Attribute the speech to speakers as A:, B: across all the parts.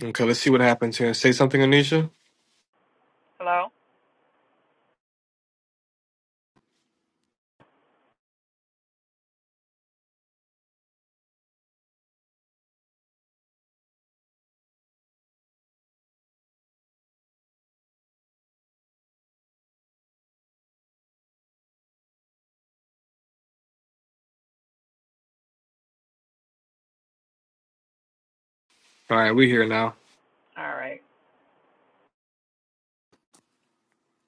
A: Okay, let's see what happens here. Say something, Anisha.
B: Hello?
A: All right, we here now.
B: All right.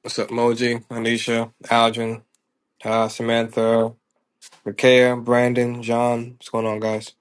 A: What's up, Moji, Anisha, Algin, uh, Samantha, Rakea, Brandon, John. What's going on, guys?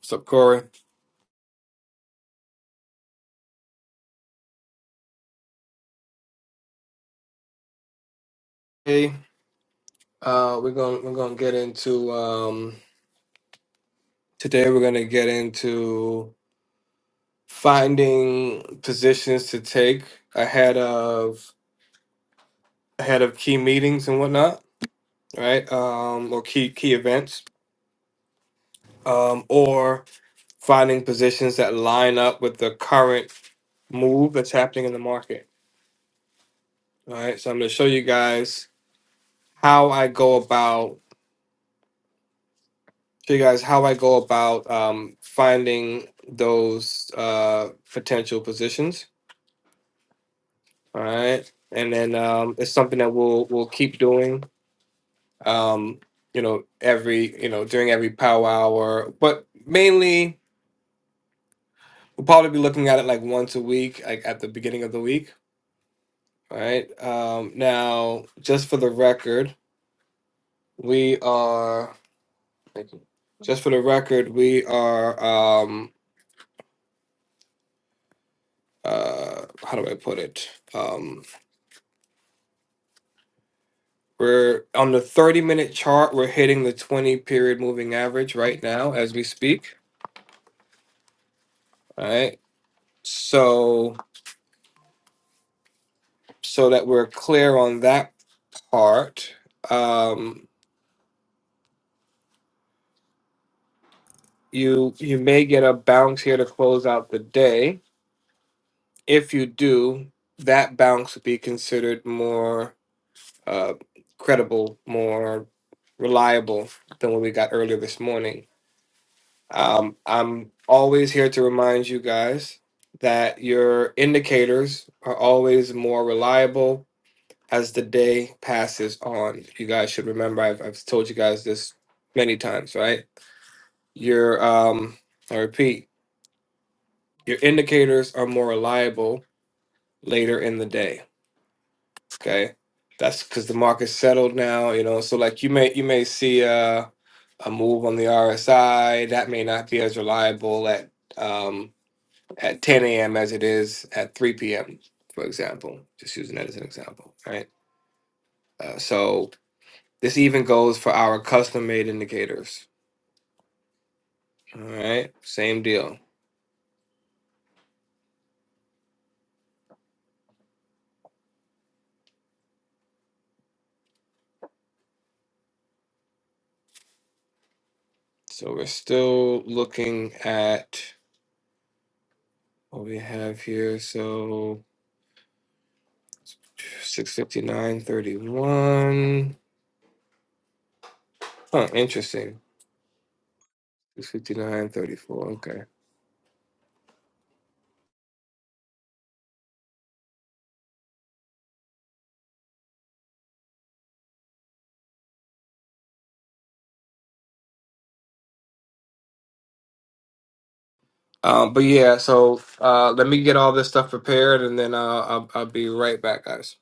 A: What's up, Corey? Hey, uh, we're gonna we're gonna get into um, today. We're gonna get into finding positions to take ahead of ahead of key meetings and whatnot, right? Um, or key key events, um, or finding positions that line up with the current move that's happening in the market. All right, so I'm going to show you guys how I go about show you guys how I go about um, finding those uh, potential positions. All right, and then um, it's something that we'll we'll keep doing. Um, you know, every you know during every power hour, but mainly we'll probably be looking at it like once a week, like at the beginning of the week. All right. Um, now, just for the record, we are Thank you. Just for the record, we are um uh how do I put it? Um we're on the 30 minute chart, we're hitting the 20 period moving average right now as we speak. All right. So so that we're clear on that part, um you you may get a bounce here to close out the day. If you do, that bounce would be considered more uh, credible, more reliable than what we got earlier this morning. Um, I'm always here to remind you guys that your indicators are always more reliable as the day passes on. You guys should remember, I've, I've told you guys this many times, right? Your, um, I repeat, your indicators are more reliable later in the day Okay, that's because the market's settled now, you know. So like you may you may see uh, a move on the RSI that may not be as reliable at um, at 10 a.m. as it is at 3 p.m. For example, just using that as an example, right? Uh, so this even goes for our custom made indicators. All right, same deal. So we're still looking at what we have here. So 659.31. Huh, interesting. Six fifty nine thirty four. Okay. Um, but yeah, so uh, let me get all this stuff prepared, and then uh, I'll I'll be right back, guys.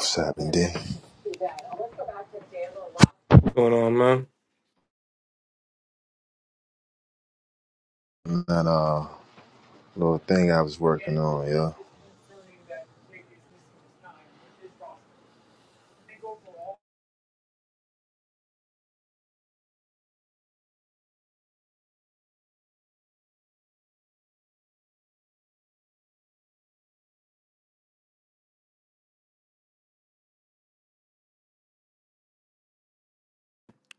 C: Seven day.
A: What's going on, man?
C: That uh little thing I was working on, yeah.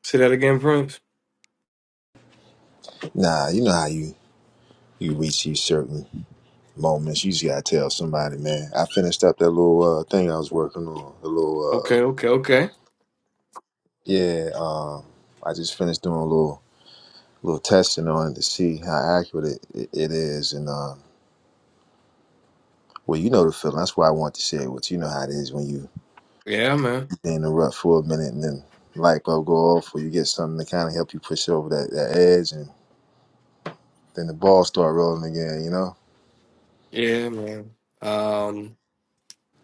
A: Say that again, Prince.
C: Nah, you know how you you reach these certain moments. You just gotta tell somebody, man. I finished up that little uh thing I was working on. The little
A: Okay,
C: uh
A: okay, okay.
C: yeah, um I just finished doing a little little testing on it to see how accurate it, it, it is and uh well, you know the feeling. That's why I want to share it with you. You know how it is when you
A: Yeah, man.
C: stay in the rut for a minute and then light bulb go off, or you get something to kind of help you push over that, that edge, and then the ball start rolling again. You know,
A: Yeah, man. Um,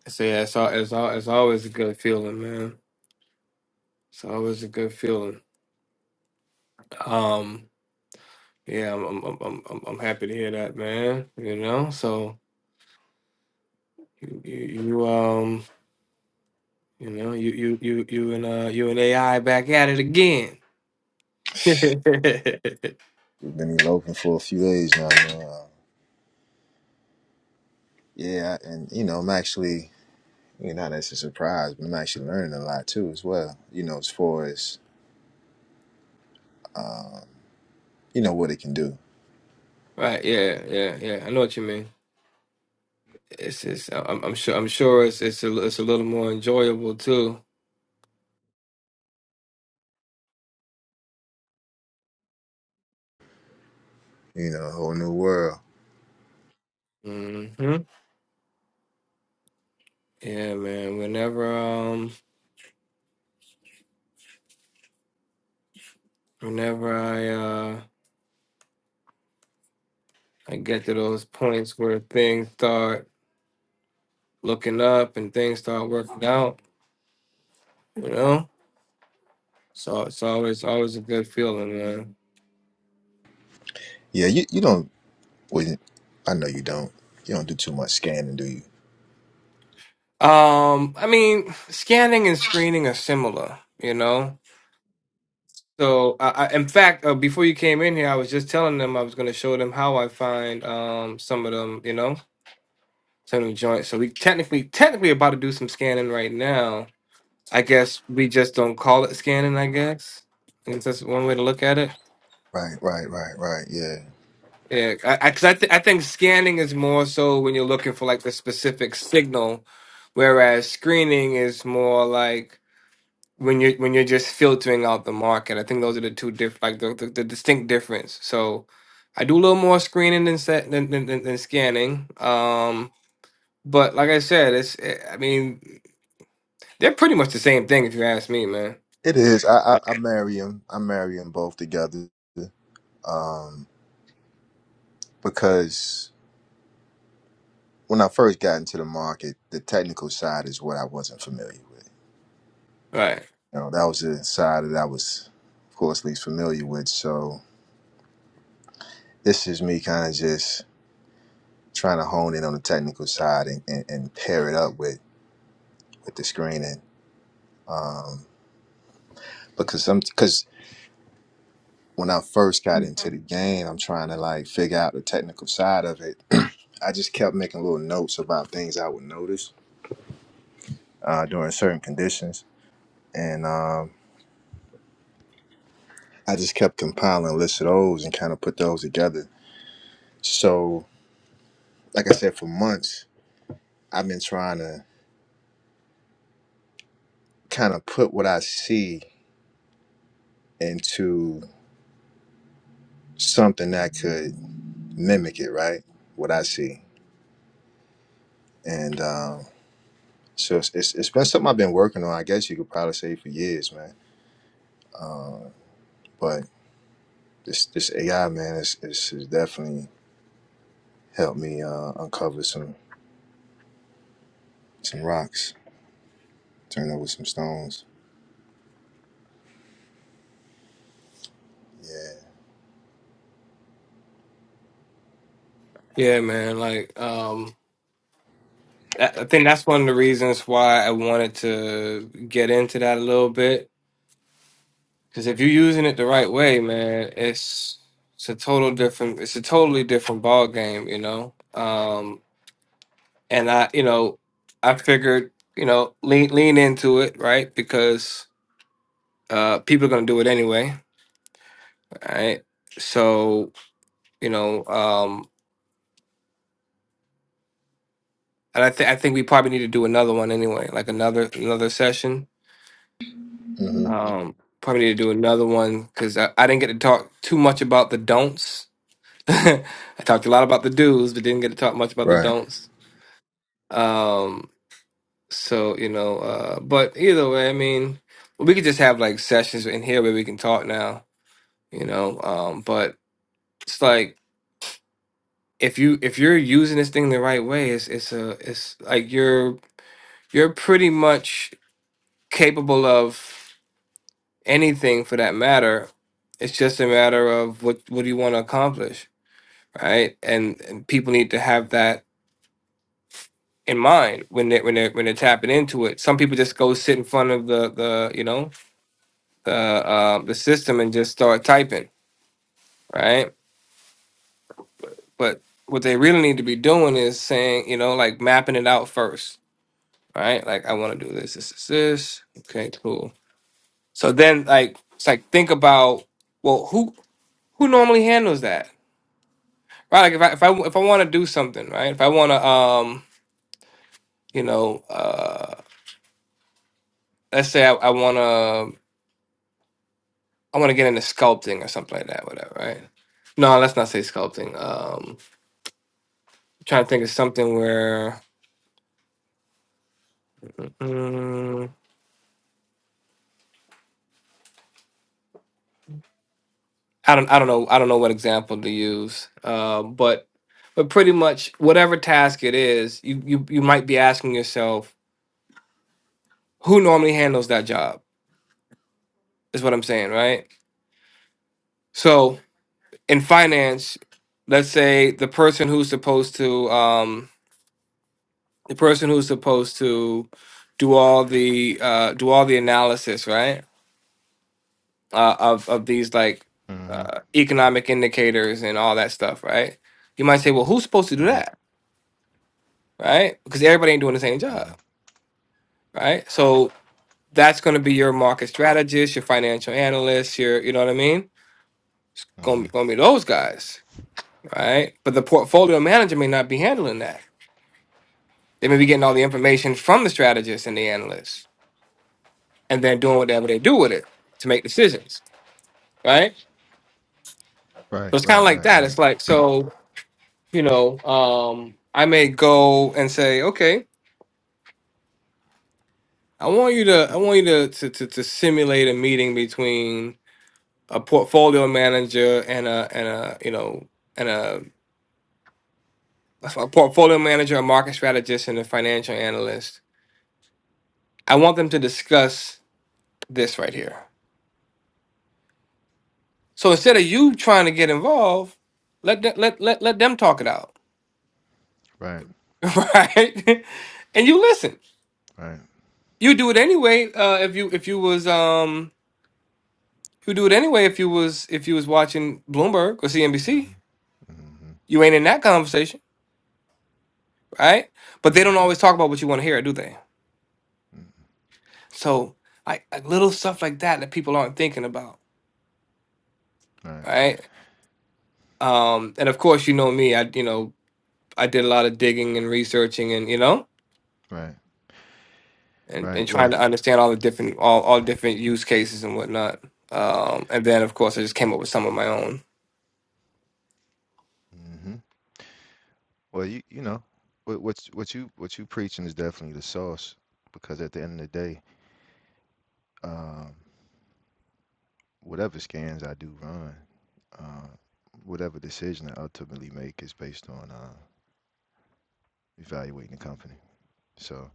A: so yeah, it's all, it's all, it's always a good feeling, man. It's always a good feeling. Um, yeah, I'm I'm I'm I'm, I'm I'm happy to hear that, man. You know, so you you, you um. You know, you you you you and uh you and AI back at it again.
C: We've been eloping for a few days now, man. Uh, yeah, and you know, I'm actually, you know, that's a surprise, but I'm actually learning a lot too as well. You know, as far as you know what it can do.
A: Right? Yeah, yeah, yeah. I know what you mean. It's just I'm I'm sure I'm sure it's it's a it's a little more enjoyable too.
C: You know, a whole new world.
A: hmm Yeah, man. Whenever um whenever I uh I get to those points where things start looking up and things start working out, you know, so it's always always a good feeling, man.
C: Yeah, you you don't. Well, you- I know you don't. You don't do too much scanning, do you?
A: Um, I mean, scanning and screening are similar, you know. So, I, I, in fact, uh, before you came in here, I was just telling them I was going to show them how I find um, some of them, you know, some of the joints. So we technically, technically about to do some scanning right now. I guess we just don't call it scanning. I guess I guess that's one way to look at it.
C: Right, right, right, right. Yeah,
A: Yeah, because I, I, 'cause I, th- I think scanning is more so when you're looking for like the specific signal, whereas screening is more like when you're when you're just filtering out the market. I think those are the two diff like the, the, the distinct difference. So I do a little more screening than set than, than, than, than scanning. Um, but like I said, it's eh, I mean they're pretty much the same thing if you ask me, man.
C: it is. I I, I marry them. I marry them both together because when I first got into the market, the technical side is what I wasn't familiar with.
A: Right?
C: You know, that was the side that I was, of course, least familiar with. So this is me kind of just trying to hone in on the technical side and, and, and pair it up with with the screening. Um, because some because when I first got into the game, I'm trying to like figure out the technical side of it. I just kept making little notes about things I would notice uh, during certain conditions, and um, I just kept compiling lists of those and kind of put those together. So, like I said, for months I've been trying to kind of put what I see into something that could mimic it, right? What I see. And um, so it's, it's, it's been something I've been working on, I guess you could probably say for years, man. But this this AI, man, is, is, is definitely helped me uh, uncover some, some rocks, turn over some stones. Yeah.
A: Yeah, man. Like um, that, I think that's one of the reasons why I wanted to get into that a little bit because if you're using it the right way, man, it's it's a total different. It's a totally different ball game, you know. Um. and I, you know, I figured, you know, lean lean into it, right? Because uh, people are gonna do it anyway, right? So, you know, um, and I think I think we probably need to do another one anyway, like another another session.
C: hmm
A: Um, probably need to do another one because I, I didn't get to talk too much about the don'ts. I talked a lot about the do's, but didn't get to talk much about the
C: Right.
A: don'ts. Um, so you know, uh, but either way, I mean, we could just have like sessions in here where we can talk now you know um but it's like if you if you're using this thing the right way it's it's a it's like you're you're pretty much capable of anything for that matter it's just a matter of what what do you want to accomplish right and, and people need to have that in mind when they when they when they're tapping into it some people just go sit in front of the the you know the uh, the system and just start typing right but what they really need to be doing is saying you know like mapping it out first right? Like I want to do this, this, this, this. Okay, cool. So then, like, it's like think about well, who who normally handles that, right? Like if I if I if I want to do something, right? If I want to, um, you know, uh, let's say I, I want to I want to get into sculpting or something like that, whatever, right? No, let's not say sculpting. Um, I'm trying to think of something where. mm, I don't I don't know I don't know what example to use, um, but but pretty much whatever task it is, you you you might be asking yourself who normally handles that job is what I'm saying, right? So in finance, let's say the person who's supposed to um, the person who's supposed to do all the uh, do all the analysis, right, uh, of of these like
C: Mm-hmm.
A: uh, economic indicators and all that stuff, right? You might say, well, who's supposed to do
C: Mm-hmm.
A: that? right? Because everybody ain't doing the same job,
C: Mm-hmm.
A: right? So that's going to be your market strategist, your financial analyst, your you know what I mean. It's going to be,
C: Mm-hmm.
A: going to be those guys, right? But the portfolio manager may not be handling that. They may be getting all the information from the strategist and the analyst, and then doing whatever they do with it to make decisions, right?
C: Right.
A: So it's kind of
C: Right.
A: like
C: Right.
A: that.
C: Right.
A: It's like so you know um, I may go and say, okay, I want you to I want you to to to, to simulate a meeting between a portfolio manager and a and a you know and a, a portfolio manager, a market strategist, and a financial analyst. I want them to discuss this right here. So instead of you trying to get involved, let them, let let let them talk it out,
C: right.
A: right? and you listen.
C: Right.
A: You do it anyway. Uh, if you if you was um you do it anyway if you was if you was watching Bloomberg or CNBC.
C: Mm-hmm. Mm-hmm.
A: You ain't in that conversation, right? But they don't always talk about what you want to hear, do they?
C: Mm-hmm.
A: So like, like little stuff like that that people aren't thinking about,
C: Right.
A: right? Um, and of course, you know me. I you know I did a lot of digging and researching, and you know,
C: Right.
A: and, and
C: Right.
A: trying
C: Well,
A: to understand all the different all all different use cases and whatnot. Um, and then of course, I just came up with some of my own,
C: hmm well, you you know, what what's what you what you preaching is definitely the sauce because at the end of the day, um, whatever scans I do run, uh, whatever decision I ultimately make is based on uh, evaluating the company. So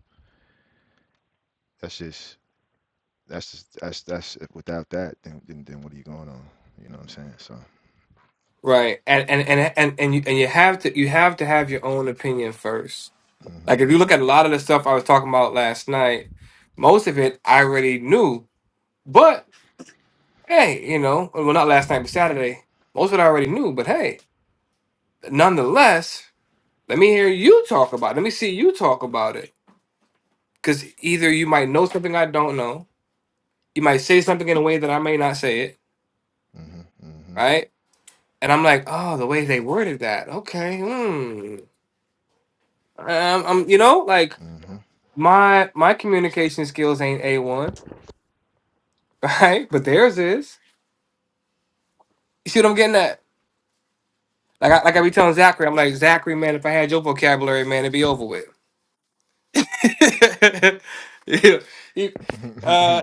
C: that's just that's just that's that's if without that, then then, then what are you going on? You know what I'm saying? So.
A: right? And and and and and you, and you have to you have to have your own opinion first.
C: hmm
A: Like if you look at a lot of the stuff I was talking about last night, most of it I already knew, but hey, you know, well, not last night, but Saturday, most of it I already knew, but hey, nonetheless, let me hear you talk about it. Let me see you talk about it. Because either you might know something I don't know, you might say something in a way that I may not say it,
C: hmm hmm
A: right? And I'm like, oh, the way they worded that, okay, hmm. Um, I'm, you know, like
C: hmm
A: my my communication skills ain't a one, right? But theirs is. You see what I'm getting at? Like I like I be telling Zachary, I'm like Zachary, man, if I had your vocabulary, man, it'd be over with. yeah, he,
C: hmm
A: uh,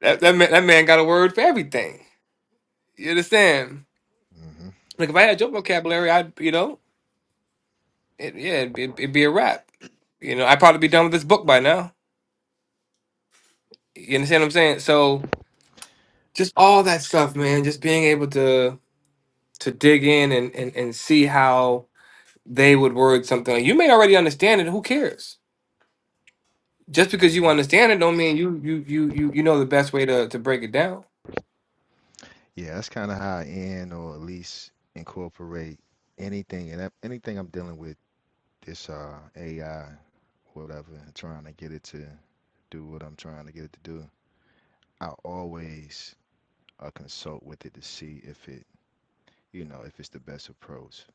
A: that, that man, that man got a word for everything. You understand?
C: hmm
A: Like if I had your vocabulary, I'd you know, it, yeah, it'd be, it'd be a wrap. You know, I'd probably be done with this book by now. You understand what I'm saying? So just all that stuff, man. Just being able to to dig in and and, and see how they would word something. You may already understand it. Who cares? Just because
C: hmm
A: you understand it, don't mean you you you you you know the best way to to break it down.
C: Yeah, that's kind of how I end or at least incorporate anything and that- anything I'm dealing with this uh AI, whatever, and trying to get it to do what I'm trying to get it to do. I always uh, consult with it to see if it, you know, if it's the best approach.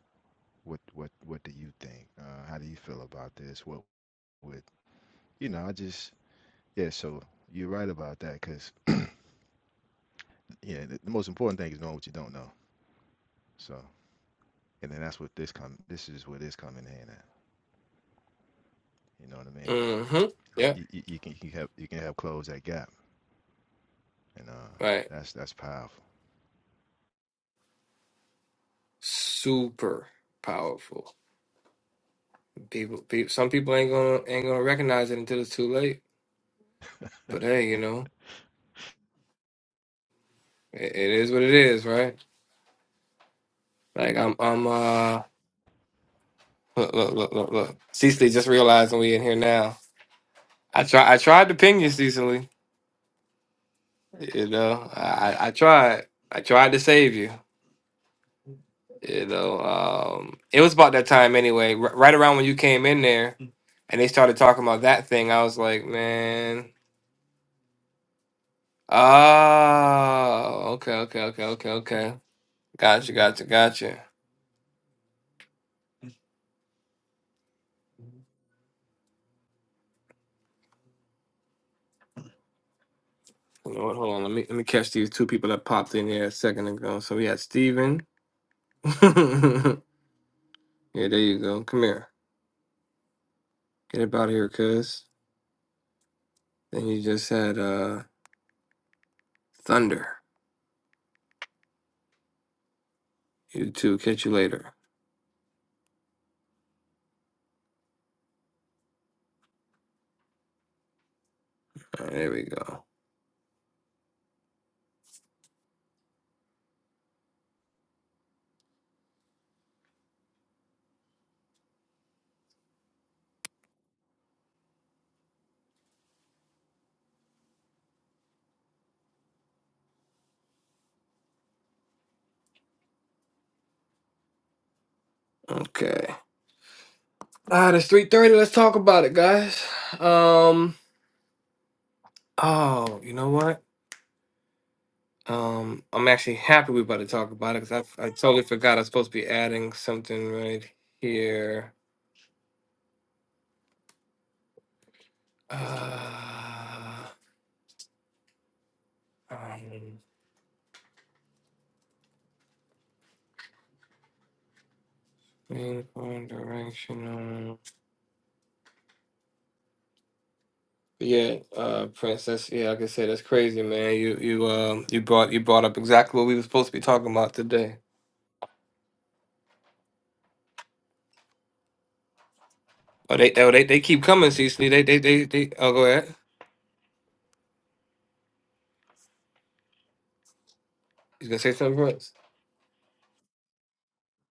C: What what what do you think? Uh, how do you feel about this? What would, you know, I just yeah, so you're right about that, cause yeah, the, the most important thing is knowing what you don't know. So, and then that's what this come this is where this come in handy. You know what I mean?
A: hmm Yeah.
C: You, you, you can you have you can help close that gap, and uh,
A: Right.
C: that's that's powerful.
A: super powerful. People, people some people ain't gonna ain't gonna recognize it until it's too late. But hey, you know, it, it is what it is, right? Like I'm I'm uh look look look look look. Cecily just realizing we in here now. I try I tried to ping you, Cecily. You know, I I I tried I tried to save you. You know, um, it was about that time anyway. R- right around when you came in there, and they started talking about that thing, I was like, man. Ah, okay, okay, okay, okay, okay. Gotcha, gotcha, gotcha. Hold on, hold on. Let me let me catch these two people that popped in here a second ago. So we had Steven. yeah, there you go. Come here. Get up out of here, cuz. Then you just had uh Thunder. You too. Catch you later. All right, there we go. Okay. Ah, it's 3:30. Let's talk about it, guys. Um, oh, you know what? Um, I'm actually happy we're about to talk about it because I, I totally forgot I was supposed to be adding something right here. Uh, um, main point, directional. Yeah, uh, Princess. Yeah, like I said, that's crazy, man. You you um you brought you brought up exactly what we were supposed to be talking about today. Oh, they oh, they they keep
C: And
A: coming,
C: it
A: Cecily. They they they they. Oh, go ahead. You gonna say something, Prince?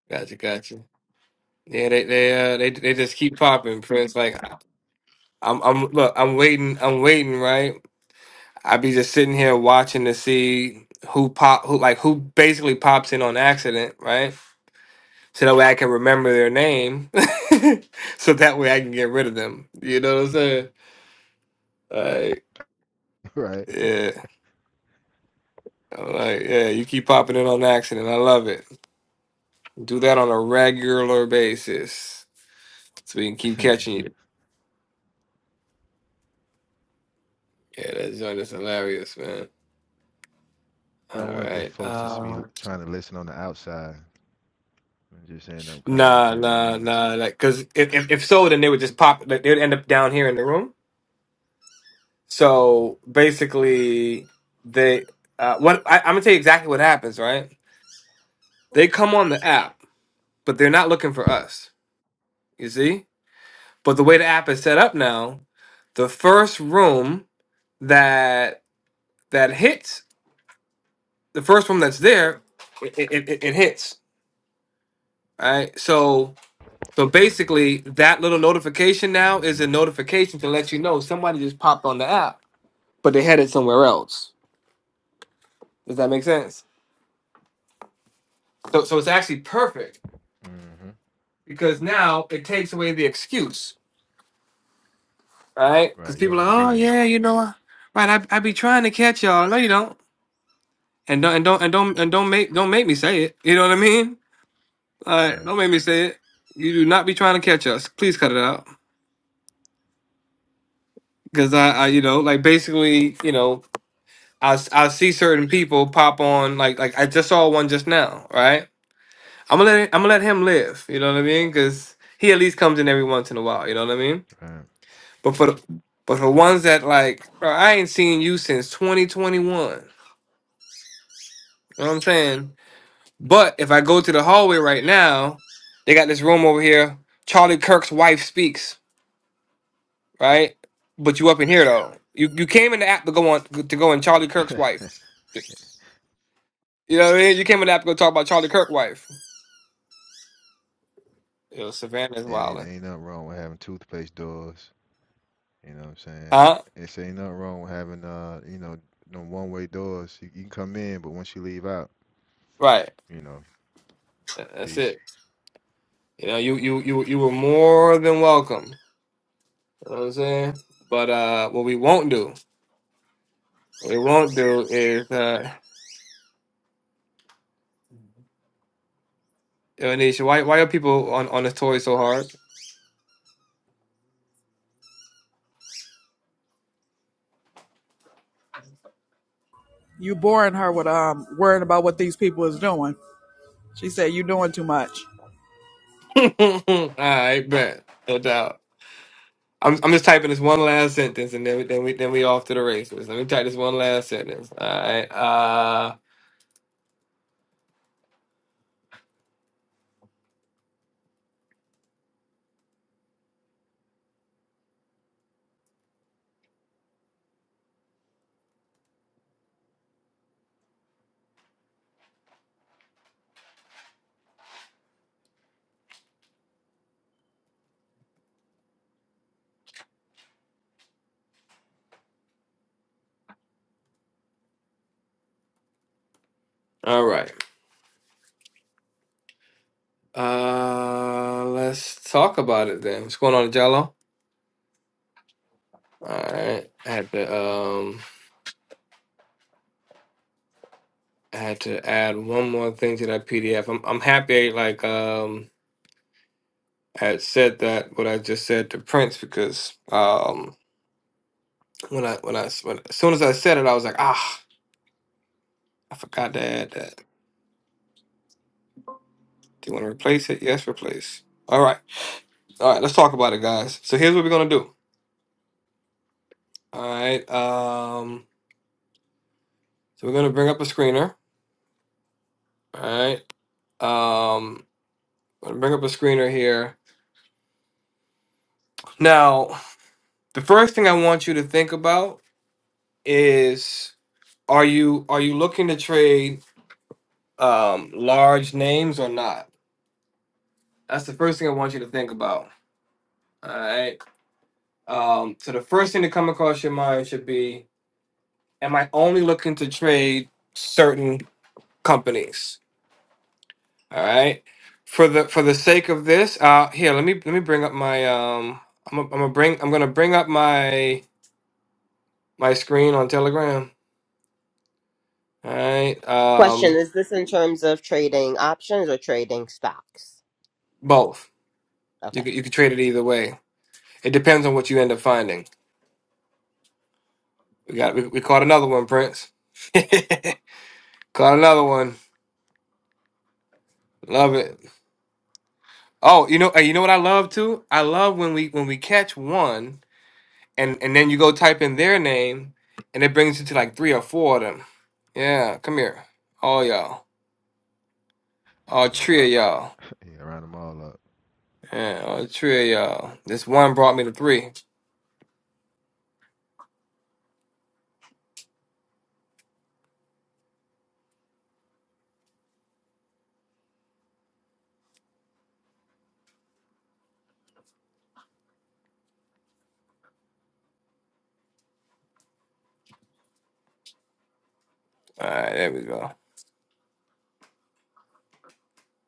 A: Gotcha, gotcha. Yeah, they they uh they they just keep popping, Prince. Like I'm I'm look, I'm waiting, I'm waiting, right? I be just sitting here watching to see who pop who like who basically pops in on accident, right? So that way I can remember their name. so that way I can get rid of them. You know what I'm saying? Like,
C: is right.
A: yeah. I'm like, yeah, you keep popping in on accident. I love it. Do that on a regular basis. So we can keep catching you. Yeah, that joint is hilarious, man.
C: I
A: All
C: don't want the
A: right.
C: folks to be
A: Uh,
C: trying to listen on the outside and just end up coming into
A: Nah,
C: the
A: nah,
C: room.
A: nah. Like, cause if, if if so, then they would just pop. Like, they'd end up down here in the room. So
C: Mm-hmm.
A: basically, they uh, what I, I'm gonna tell you exactly what happens. Right? They come on the app, but they're not looking for us. You see? But the way the app is set up now, the first room that that hits, the first room that's there, it it, it, it hits. Right? So so
C: Mm-hmm.
A: basically, that little notification now is a
C: Mm-hmm.
A: notification to let you know somebody just popped on the app but they had it somewhere else. Does that make sense? So, so it's actually perfect
C: Mm-hmm.
A: because now it takes away the excuse, right? Because
C: Right. You don't
A: people are,
C: want to
A: like,
C: be
A: oh
C: here.
A: yeah, you know, I- right? I I be trying to catch y'all. No, you don't. And don't and don't and don't and don't make don't make me say it. You know what I mean? Like,
C: Mm-mm.
A: don't make me say it. You do not be trying to catch us. Please cut it out. Because I, I, you know, like basically, you know, I, s- I see certain people pop on. Like, like I just saw one just now, right? I'm gonna let I'm gonna let him live. You know what I mean? Because he at least comes in every once in a while. You know what I mean?
C: Right. Right.
A: But for the, but for ones that like, bro, I ain't seen you since 2021. You know what I'm saying? But if I go to the hallway right now, they got this room over here. Charlie Kirk's wife speaks. Right? But you up in here though. You you came in the app to go on to go in Charlie Kirk's
C: and
A: wife. You know what I mean? You came in the app to go talk about Charlie Kirk's wife. Yo, Savannah's
C: it ain't
A: wildin'.
C: ain't nothing wrong with having toothpaste doors. You know what I'm saying?
A: Huh?
C: It's ain't nothing wrong with having uh, you know, no one way doors. You, you can come in, but once you leave out,
A: Right.
C: you know.
A: That's it.
C: Peace.
A: You know, you you you you were more than welcome. You know what I'm saying? But uh, what we won't do, what we won't do is uh, yo, Nisha, why why are people on on this toy so hard?
B: You boring her with um worrying about what these people is doing. She said you doing too much.
A: All right, bet, no doubt. I'm I'm just typing this one last sentence, and then we, then we then we off to the races. Let me type this one last sentence. All right, uh, all right. Uh, let's talk about it then. What's going on, Jello? All right, I had to um. I had to add one more thing to that PDF. I'm I'm happy like um had said that what I just said to Prince because um when I when I s- when, as soon as I said it I was like ah I forgot to add that. Do you want to replace it? Yes, replace. All right, all right. Let's talk about it, guys. So here's what we're gonna do. All right. Um. So we're gonna bring up a screener. All right. Um. I'm gonna bring up a screener here. Now, the first thing I want you to think about is Are you are you looking to trade um large names or not? That's the first thing I want you to think about. All right. Um, so the first thing to come across your mind should be: Am I only looking to trade certain companies? All right. For the for the sake of this, uh, here let me let me bring up my um. I'm gonna, I'm gonna bring I'm gonna bring up my my screen on Telegram. All right.
D: Question
A: Um,
D: Is this in terms of trading options or trading stocks?
A: both. You
D: Okay.
A: could, you could trade it either way. It depends on what you end up finding. We got we, we caught another one, Prince. caught another one. Love it. Oh, you know, hey, you know what I love too? I love when we when we catch one and and then you go type in their name and it brings you to like three or four of them. Yeah, come here. All y'all. All
C: Around,
A: three of y'all.
C: yeah, round them all up.
A: Yeah, all three of y'all. This one brought me to three. Alright, there we go.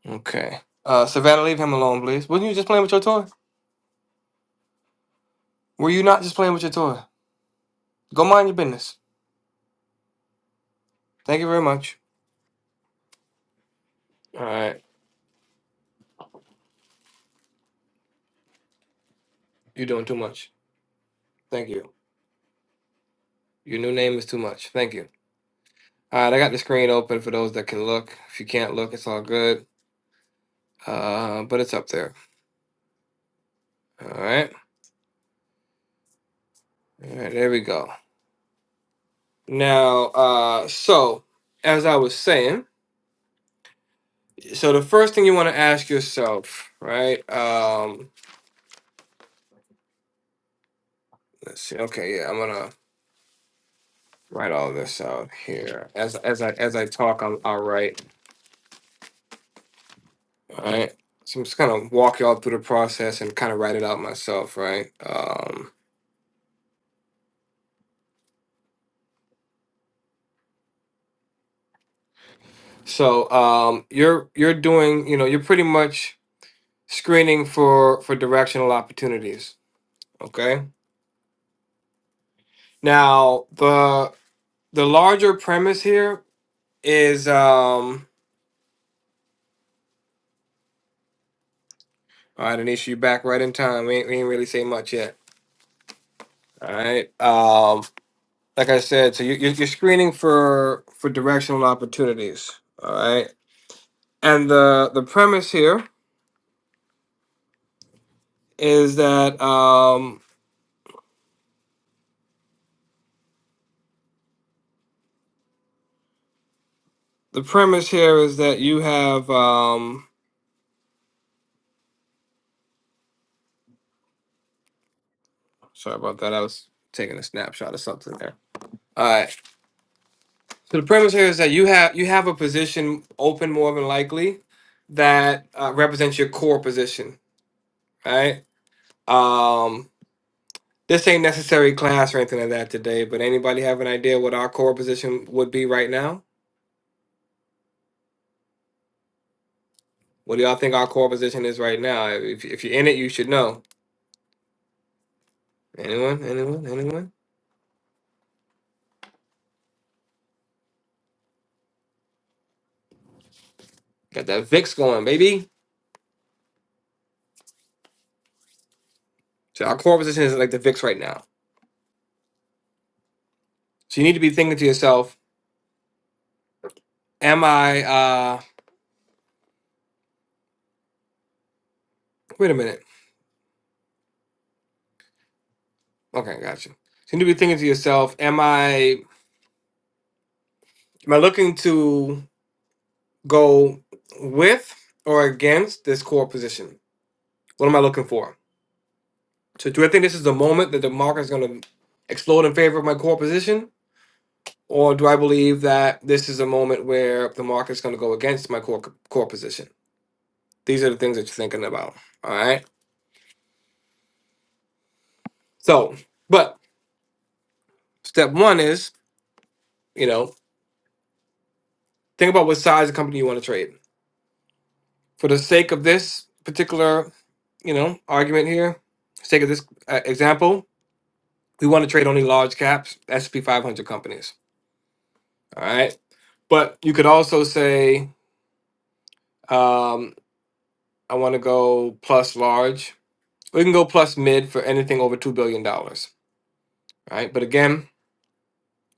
A: Okay. Uh Savannah, leave him alone, please. Wasn't you just playing with your toy? Were you not just playing with your toy? Go mind your business. Thank you very much. All right. You're doing too much. Thank you. Your new name is too much. Thank you. All right, I got the screen open for those that can look. If you can't look, it's all good. Uh, but it's up there. All right. All right, there we go. Now, uh, so as I was saying, so the first thing you want to ask yourself, right? Um, let's see. Okay, yeah, I'm gonna write all this out here. As as I as I talk, I'll, I'll write. All right. So I'm just gonna walk y'all through the process and kind of write it out myself, right? Um, So um, you're you're doing you know you're pretty much screening for for directional opportunities. Okay. Now the the larger premise here is um, all right, Anisha, you back right in time. We ain't, we ain't really say much yet. All right. Um, like I said, so you you're you're screening for for directional opportunities. All right. And the the premise here is that um, the premise here is that you have um, Sorry about that. I was taking a snapshot of something there. All right. So the premise here is that you have you have a position open more than likely that uh, represents your core position, right? Um, this ain't necessary class or anything like that today, but anybody have an idea what our core position would be right now? What do y'all think our core position is right now? If, if you're in it, you should know. Anyone? Anyone? Anyone? Got that VIX going, baby. So our core position is like the VIX right now. So you need to be thinking to yourself, am I? Uh, Wait a minute. Okay, gotcha. So you need to be thinking to yourself, am I am I looking to go with or against this core position? What am I looking for? So do I think this is the moment that the market is gonna explode in favor of my core position? Or do I believe that this is a moment where the market's gonna go against my core core position? These are the things that you're thinking about. All right. So, but step one is, you know, think about what size of company you want to trade For the sake of this particular, you know, argument here, sake of this uh, example, we want to trade only large caps S&P 500 companies. All right, but you could also say um, I want to go plus large. We can go plus mid for anything over two billion dollars. All right, but again,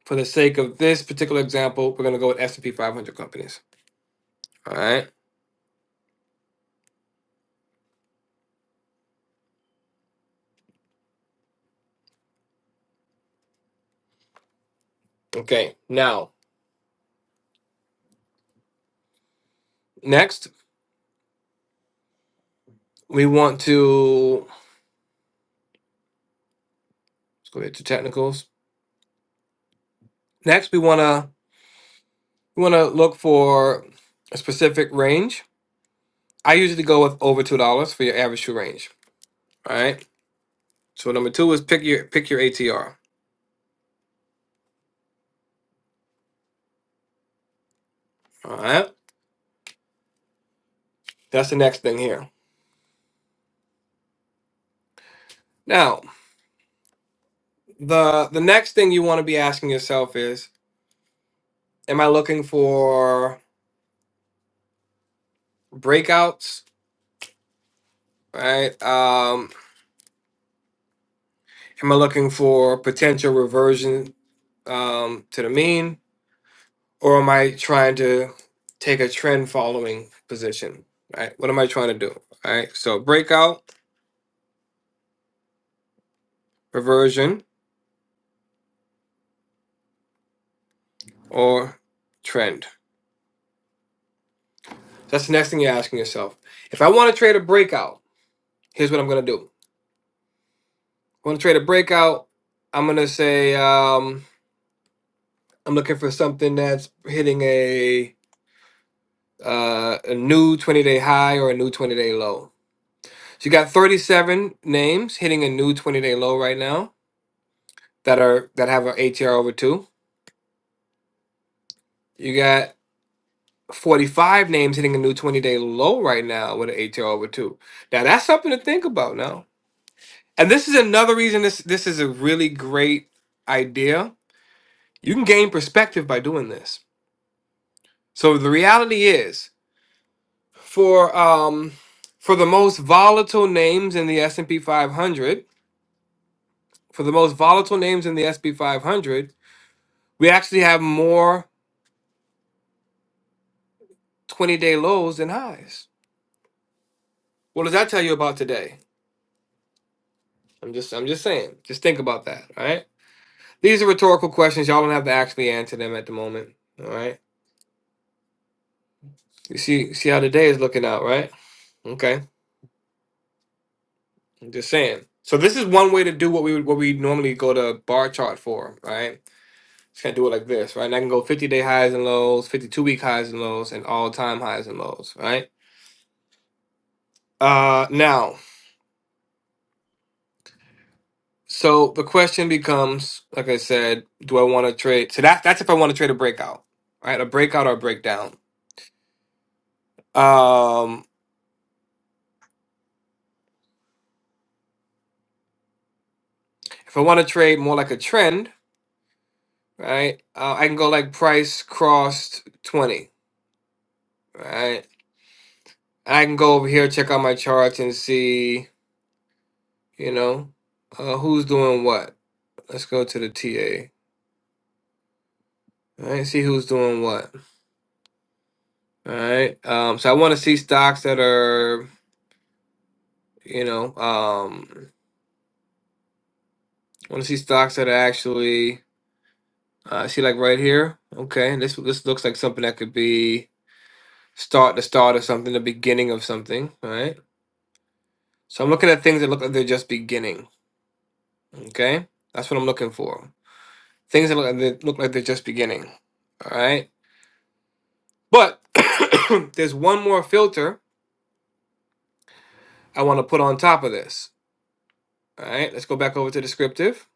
A: for the sake of this particular example, we're going to go with S&P 500 companies. All right. Okay. Now, next we want to let's go ahead to technicals. Next, we want to You want to look for a specific range. I usually go with over two dollars for your average shoe range. All right. So number two is pick your pick your ATR. All right. That's the next thing here. Now the the next thing you want to be asking yourself is, am I looking for breakouts? Right. Um, am I looking for potential reversion um, to the mean, or am I trying to take a trend following position? Right. What am I trying to do? All right. So breakout. reversion, or trend. That's the next thing you're asking yourself. If I want to trade a breakout, here's what I'm going to do. I want to trade a breakout. I'm going to say um, I'm looking for something that's hitting a uh, a new 20 day high or a new 20 day low. So you got 37 names hitting a new 20 day low right now that are that have an ATR over two. You got 45 names hitting a new 20 day low right now with an ATR over two. Now that's something to think about now And this is another reason this this is a really great idea. You can gain perspective by doing this. So the reality is for um for the most volatile names in the S&P 500, for the most volatile names in the S&P 500, we actually have more 20-day lows than highs. What does that tell you about today? I'm just I'm just saying. Just think about that, all right? These are rhetorical questions. Y'all don't have to actually answer them at the moment, all right? You see see how today is looking out, right? Okay. I'm just saying. So this is one way to do what we would what we normally go to bar chart for, right? Just gonna do it like this, right? And I can go 50 day highs and lows, 52 week highs and lows, and all time highs and lows, right? Uh now, so the question becomes, like I said, do I want to trade? So that that's if I want to trade a breakout, right? A breakout or a breakdown. Um, if I want to trade more like a trend, right? Uh, I can go like price crossed 20, right? I can go over here, check out my charts and see. You know, uh, who's doing what? Let's go to the TA. All right, see who's doing what. All right. Um, so I want to see stocks that are, you know, um, I want to see stocks that are actually, uh, see like right here. Okay, this this looks like something that could be start the start of something, the beginning of something. All right. So I'm looking at things that look like they're just beginning. Okay, that's what I'm looking for. Things that look like they look like they're just beginning. All right. But there's one more filter I want to put on top of this. All right, let's go back over to descriptive.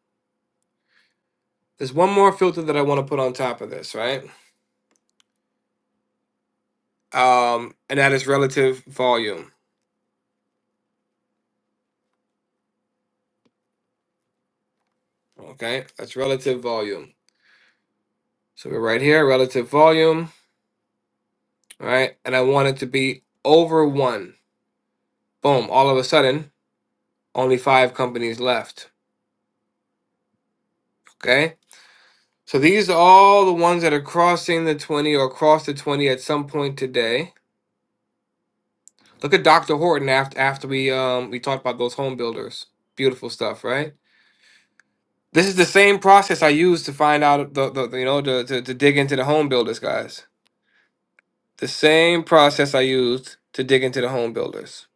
A: There's one more filter that I want to put on top of this, right? Um, and that is relative volume. Okay, that's relative volume. So we're right here, relative volume, Right, And I want it to be over one. Boom, all of a sudden, only five companies left. Okay, so these are all the ones that are crossing the 20 or across the 20 at some point today. Look at Dr. Horton after, after we um, we talked about those home builders. Beautiful stuff, right? This is the same process I used to find out the, the you know to, to, to dig into the home builders, guys. The same process I used to dig into the home builders.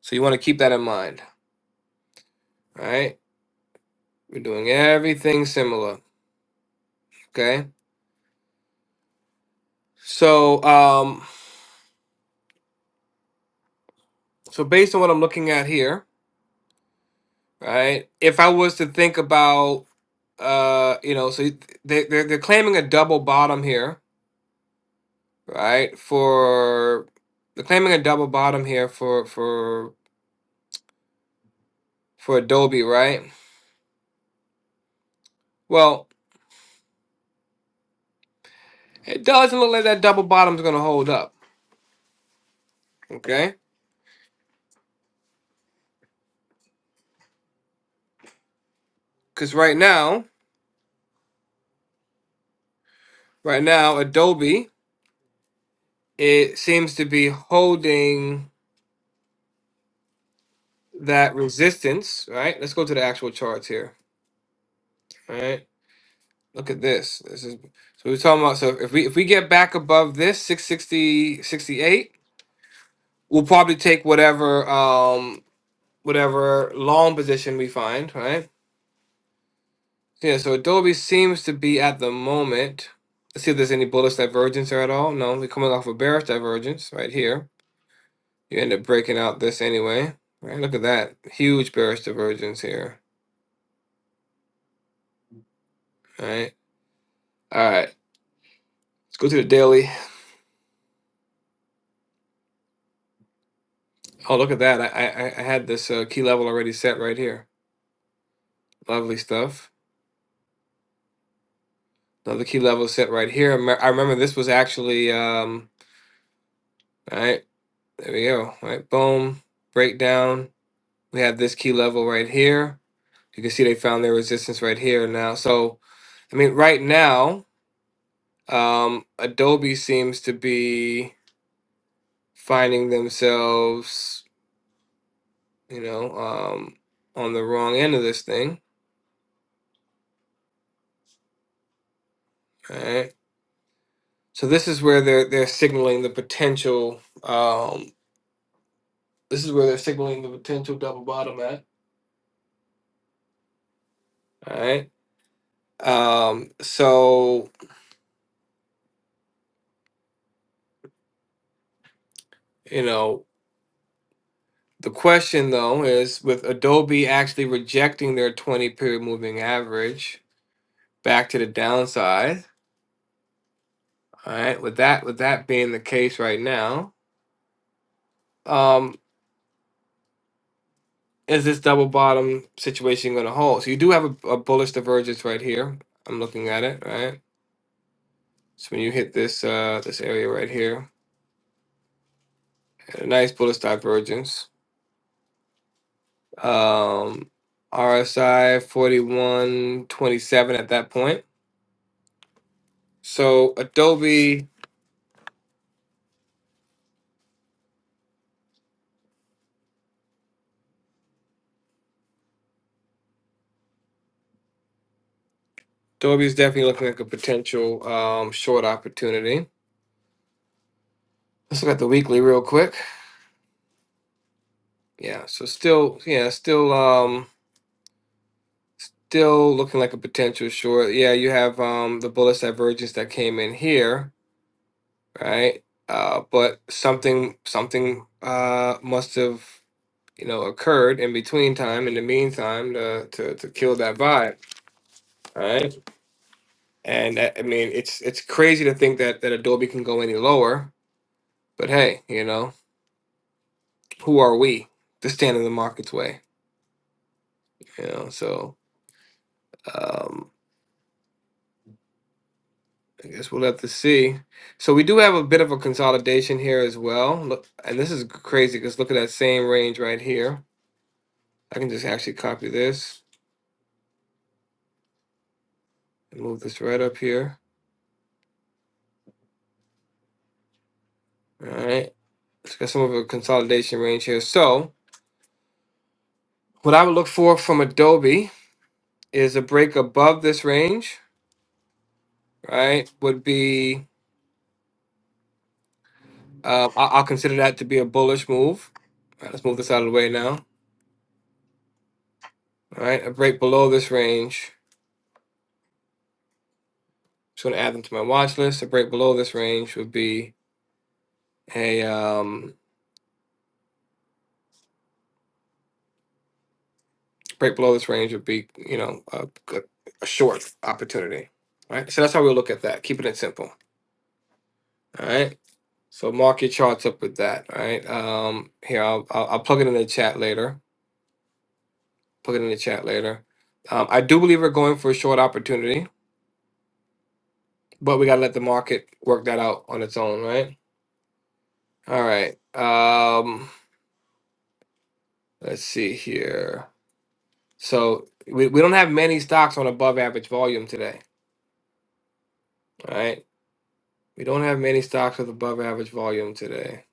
A: So you want to keep that in mind, all right? We're doing everything similar, okay? So um so based on what I'm looking at here, right? If I was to think about uh you know so you- they they're, they're claiming a double bottom here, right? For they're claiming a double bottom here for for for Adobe, right? Well, it doesn't look like that double bottom's gonna hold up. Okay, because right now, right now, Adobe it seems to be holding that resistance. Right. Let's go to the actual charts here. All right. Look at this. This is so we're talking about. So if we if we get back above this six sixty sixty-eight, we'll probably take whatever um whatever long position we find. Right Yeah, so Adobe seems to be at the moment. Let's see if there's any bullish divergence there at all. No, we're coming off a bearish divergence right here. You end up breaking out this anyway. Right, look at that. Huge bearish divergence here. All right. All right. Let's go to the daily. Oh, look at that. I I, I had this uh, key level already set right here. Lovely stuff. Another key level set right here. I me- I remember this was actually um all right. There we go. All right, boom. Breakdown. We have this key level right here You can see they found their resistance right here now. So, I mean, right now, um, Adobe seems to be finding themselves, you know, um, on the wrong end of this thing, right? So this is where they're they're signaling the potential. Um, this is where they're signaling the potential double bottom at, all right? Um, so you know, the question though is with Adobe actually rejecting their twenty period moving average back to the downside. All right, with that with that being the case right now, um, is this double bottom situation going to hold? So you do have a, a bullish divergence right here. I'm looking at it, right? So when you hit this uh, this area right here, a nice bullish divergence. Um, RSI 4127 at that point. So Adobe Adobe is definitely looking like a potential um, short opportunity. Let's look at the weekly real quick. Yeah, so still, yeah, still, um, still looking like a potential short. Yeah, you have um the bullish divergence that came in here, right? Uh, but something, something, uh, must have, you know, occurred in between time, in the meantime, to to to kill that vibe, right? And that, I mean, it's it's crazy to think that that Adobe can go any lower, but hey, you know, who are we to stand in the market's way? You know, so. Um, I guess we'll have to see. So we do have a bit of a consolidation here as well. Look, and this is crazy because look at that same range right here. I can just actually copy this and move this right up here. All right. It's got some of a consolidation range here. So what I would look for from Adobe is a break above this range, right? Would be uh, I- I'll consider that to be a bullish move. All right, let's move this out of the way now. All right, a break below this range. Just going to add them to my watch list. A break below this range would be a um, break below this range would be, you know, a, a, short opportunity. All right. So that's how we look at that, keeping it simple. All right. So mark your charts up with that. All right. Um, here, I'll, I'll, I'll plug it in the chat later. Plug it in the chat later. Um, I do believe we're going for a short opportunity, but we got to let the market work that out on its own, right? All right. Um, let's see here. So we, we don't have many stocks on above average volume today. All right. We don't have many stocks with above average volume today.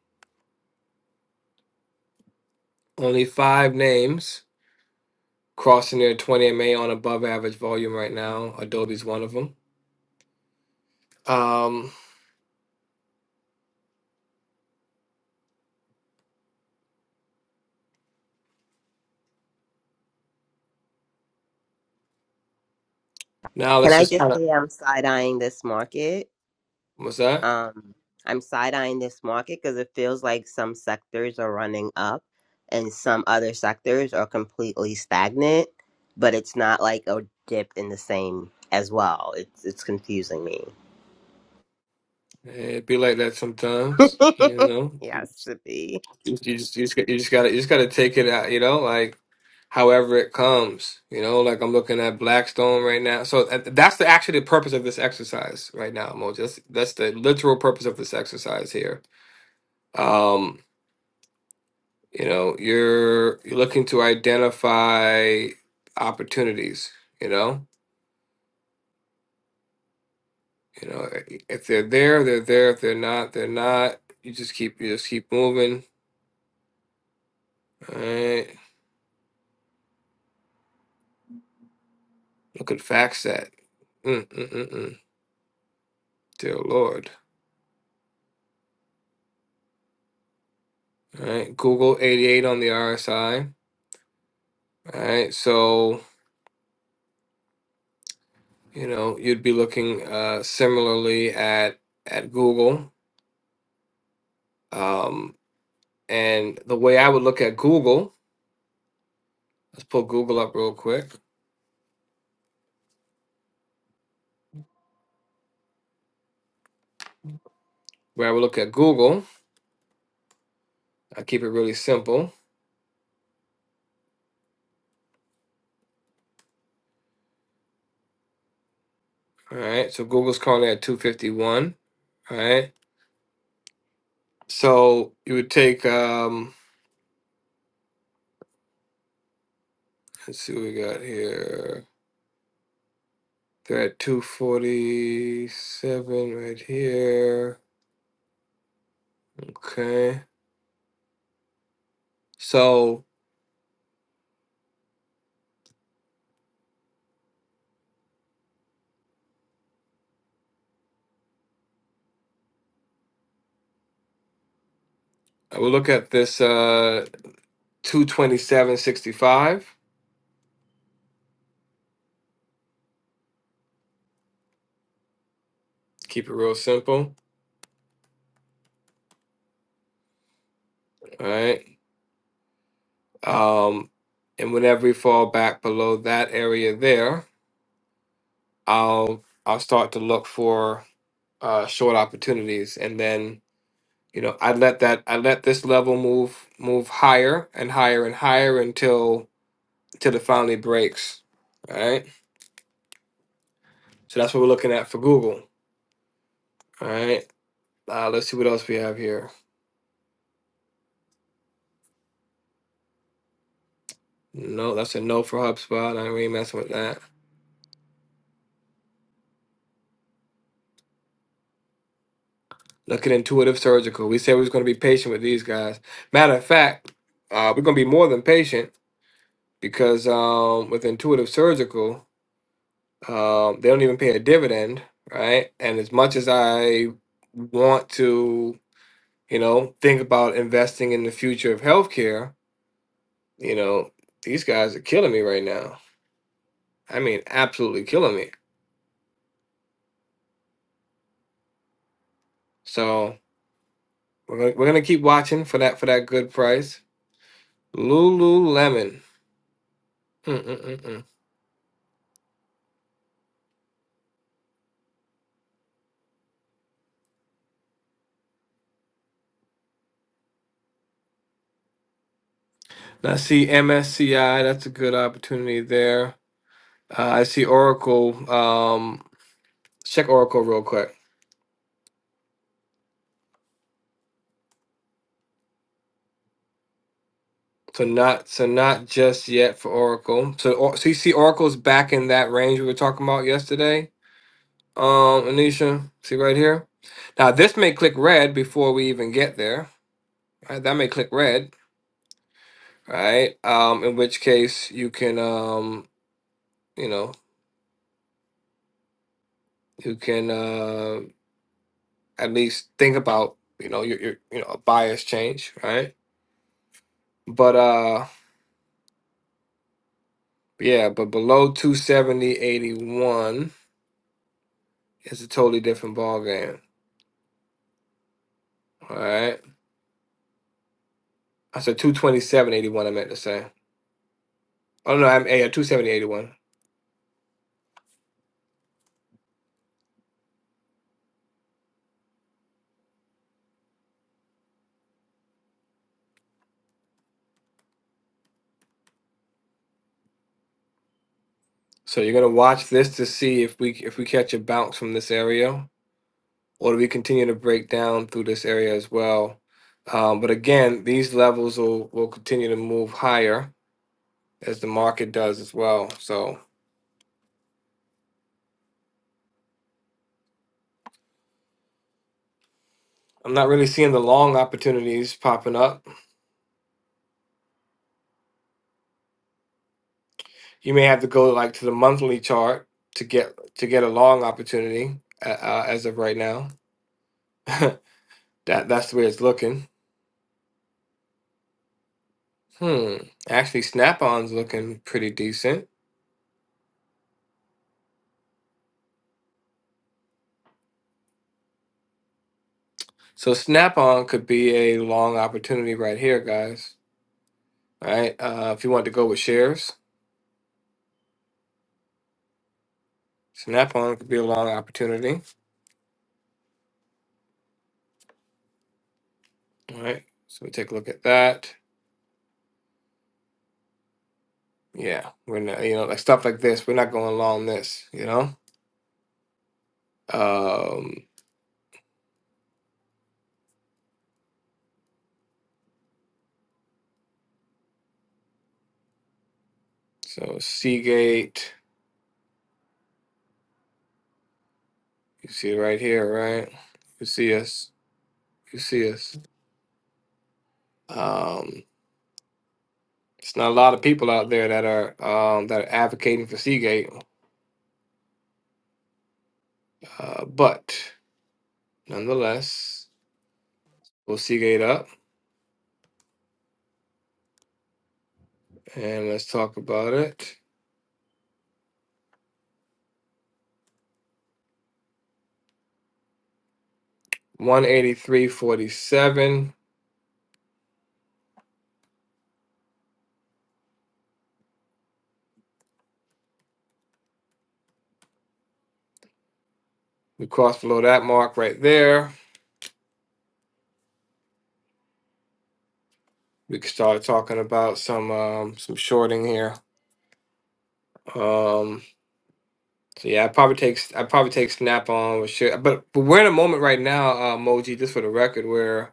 A: Only five names crossing their 20 MA on above average volume right now. Adobe's one of them. Um, now
D: Can
A: let's
D: I
A: just
D: just
A: kind of
D: say I'm side eyeing this market?
A: what's that?
D: Um, I'm side eyeing this market because it feels like some sectors are running up and some other sectors are completely stagnant, but it's not like a dip in the same as well. It's it's confusing me.
A: It'd be like that sometimes, you know.
D: yes, it be.
A: You just, you just you just gotta you just gotta take it out, you know, like however it comes, you know. Like I'm looking at Blackstone right now, so uh, that's the actually the purpose of this exercise right now, Mo. That's that's the literal purpose of this exercise here. Um, You know, you're you're looking to identify opportunities, you know? You know, eh, if they're there, they're there. If they're not, they're not. You just keep you just keep moving. All right. Look at FactSet. Mm, mm, mm, mm. Dear Lord. All right. Google 88 on the RSI. All right. So, you know, you'd be looking uh similarly at at Google. Um, and the way I would look at Google, let's pull Google up real quick. When I would look at Google, I keep it really simple. All right. So Google's currently at 251. All right. So you would take, um, let's see what we got here. They're at 247 right here. Okay. So I would look at this uh 227.65. Keep it real simple. All right. Um, and whenever we fall back below that area there, I'll I'll start to look for uh, short opportunities, and then you know I let that I let this level move move higher and higher and higher until until it finally breaks. All right, so that's what we're looking at for Google. All right, uh, let's see what else we have here. No, that's a no for HubSpot. I ain't messing with that. Look at Intuitive Surgical. We said we was going to be patient with these guys. Matter of fact, uh, we're going to be more than patient because um, with Intuitive Surgical. Um, they don't even pay a dividend, right? And as much as I want to, you know, think about investing in the future of healthcare, you know, these guys are killing me right now. I mean, absolutely killing me. So we're gonna, we're gonna keep watching for that for that good price. Lululemon. Mm-mm-mm-mm. I see MSCI. That's a good opportunity there. Uh, I see Oracle. Um, check Oracle real quick. So not so not just yet for Oracle. So or, so you see Oracle's back in that range we were talking about yesterday. Um, Anisha, see right here. Now this may click red before we even get there. Right? That may click red, right? Um, in which case you can um, you know, you can uh at least think about, you know, your, your you know, a bias change, right? But uh yeah, but below 270.81 is a totally different ball game. All right. I said 227.81. I meant to say. Oh no, I'm a 270.81. So you're gonna watch this to see if we if we catch a bounce from this area, or do we continue to break down through this area as well? Um, but again, these levels will will continue to move higher as the market does as well. So I'm not really seeing the long opportunities popping up. You may have to go like to the monthly chart to get to get a long opportunity uh, uh, as of right now. that that's the way it's looking. Hmm. Actually, Snap-on's looking pretty decent. So Snap-on could be a long opportunity right here, guys. All right. Uh, if you want to go with shares, Snap-on could be a long opportunity. All right. So we take a look at that. Yeah, we're not, you know, like stuff like this. We're not going long this, you know. Um, so Seagate, you see it right here, right? You see us. You see us. Um, it's not a lot of people out there that are um that are advocating for Seagate Uh, but nonetheless, we'll Seagate up and let's talk about it. 183.47. We crossed below that mark right there. We can start talking about some um, some shorting here. Um, so yeah, I probably take I probably take Snap on with shit, but but we're in a moment right now, uh, Moji. Just for the record, where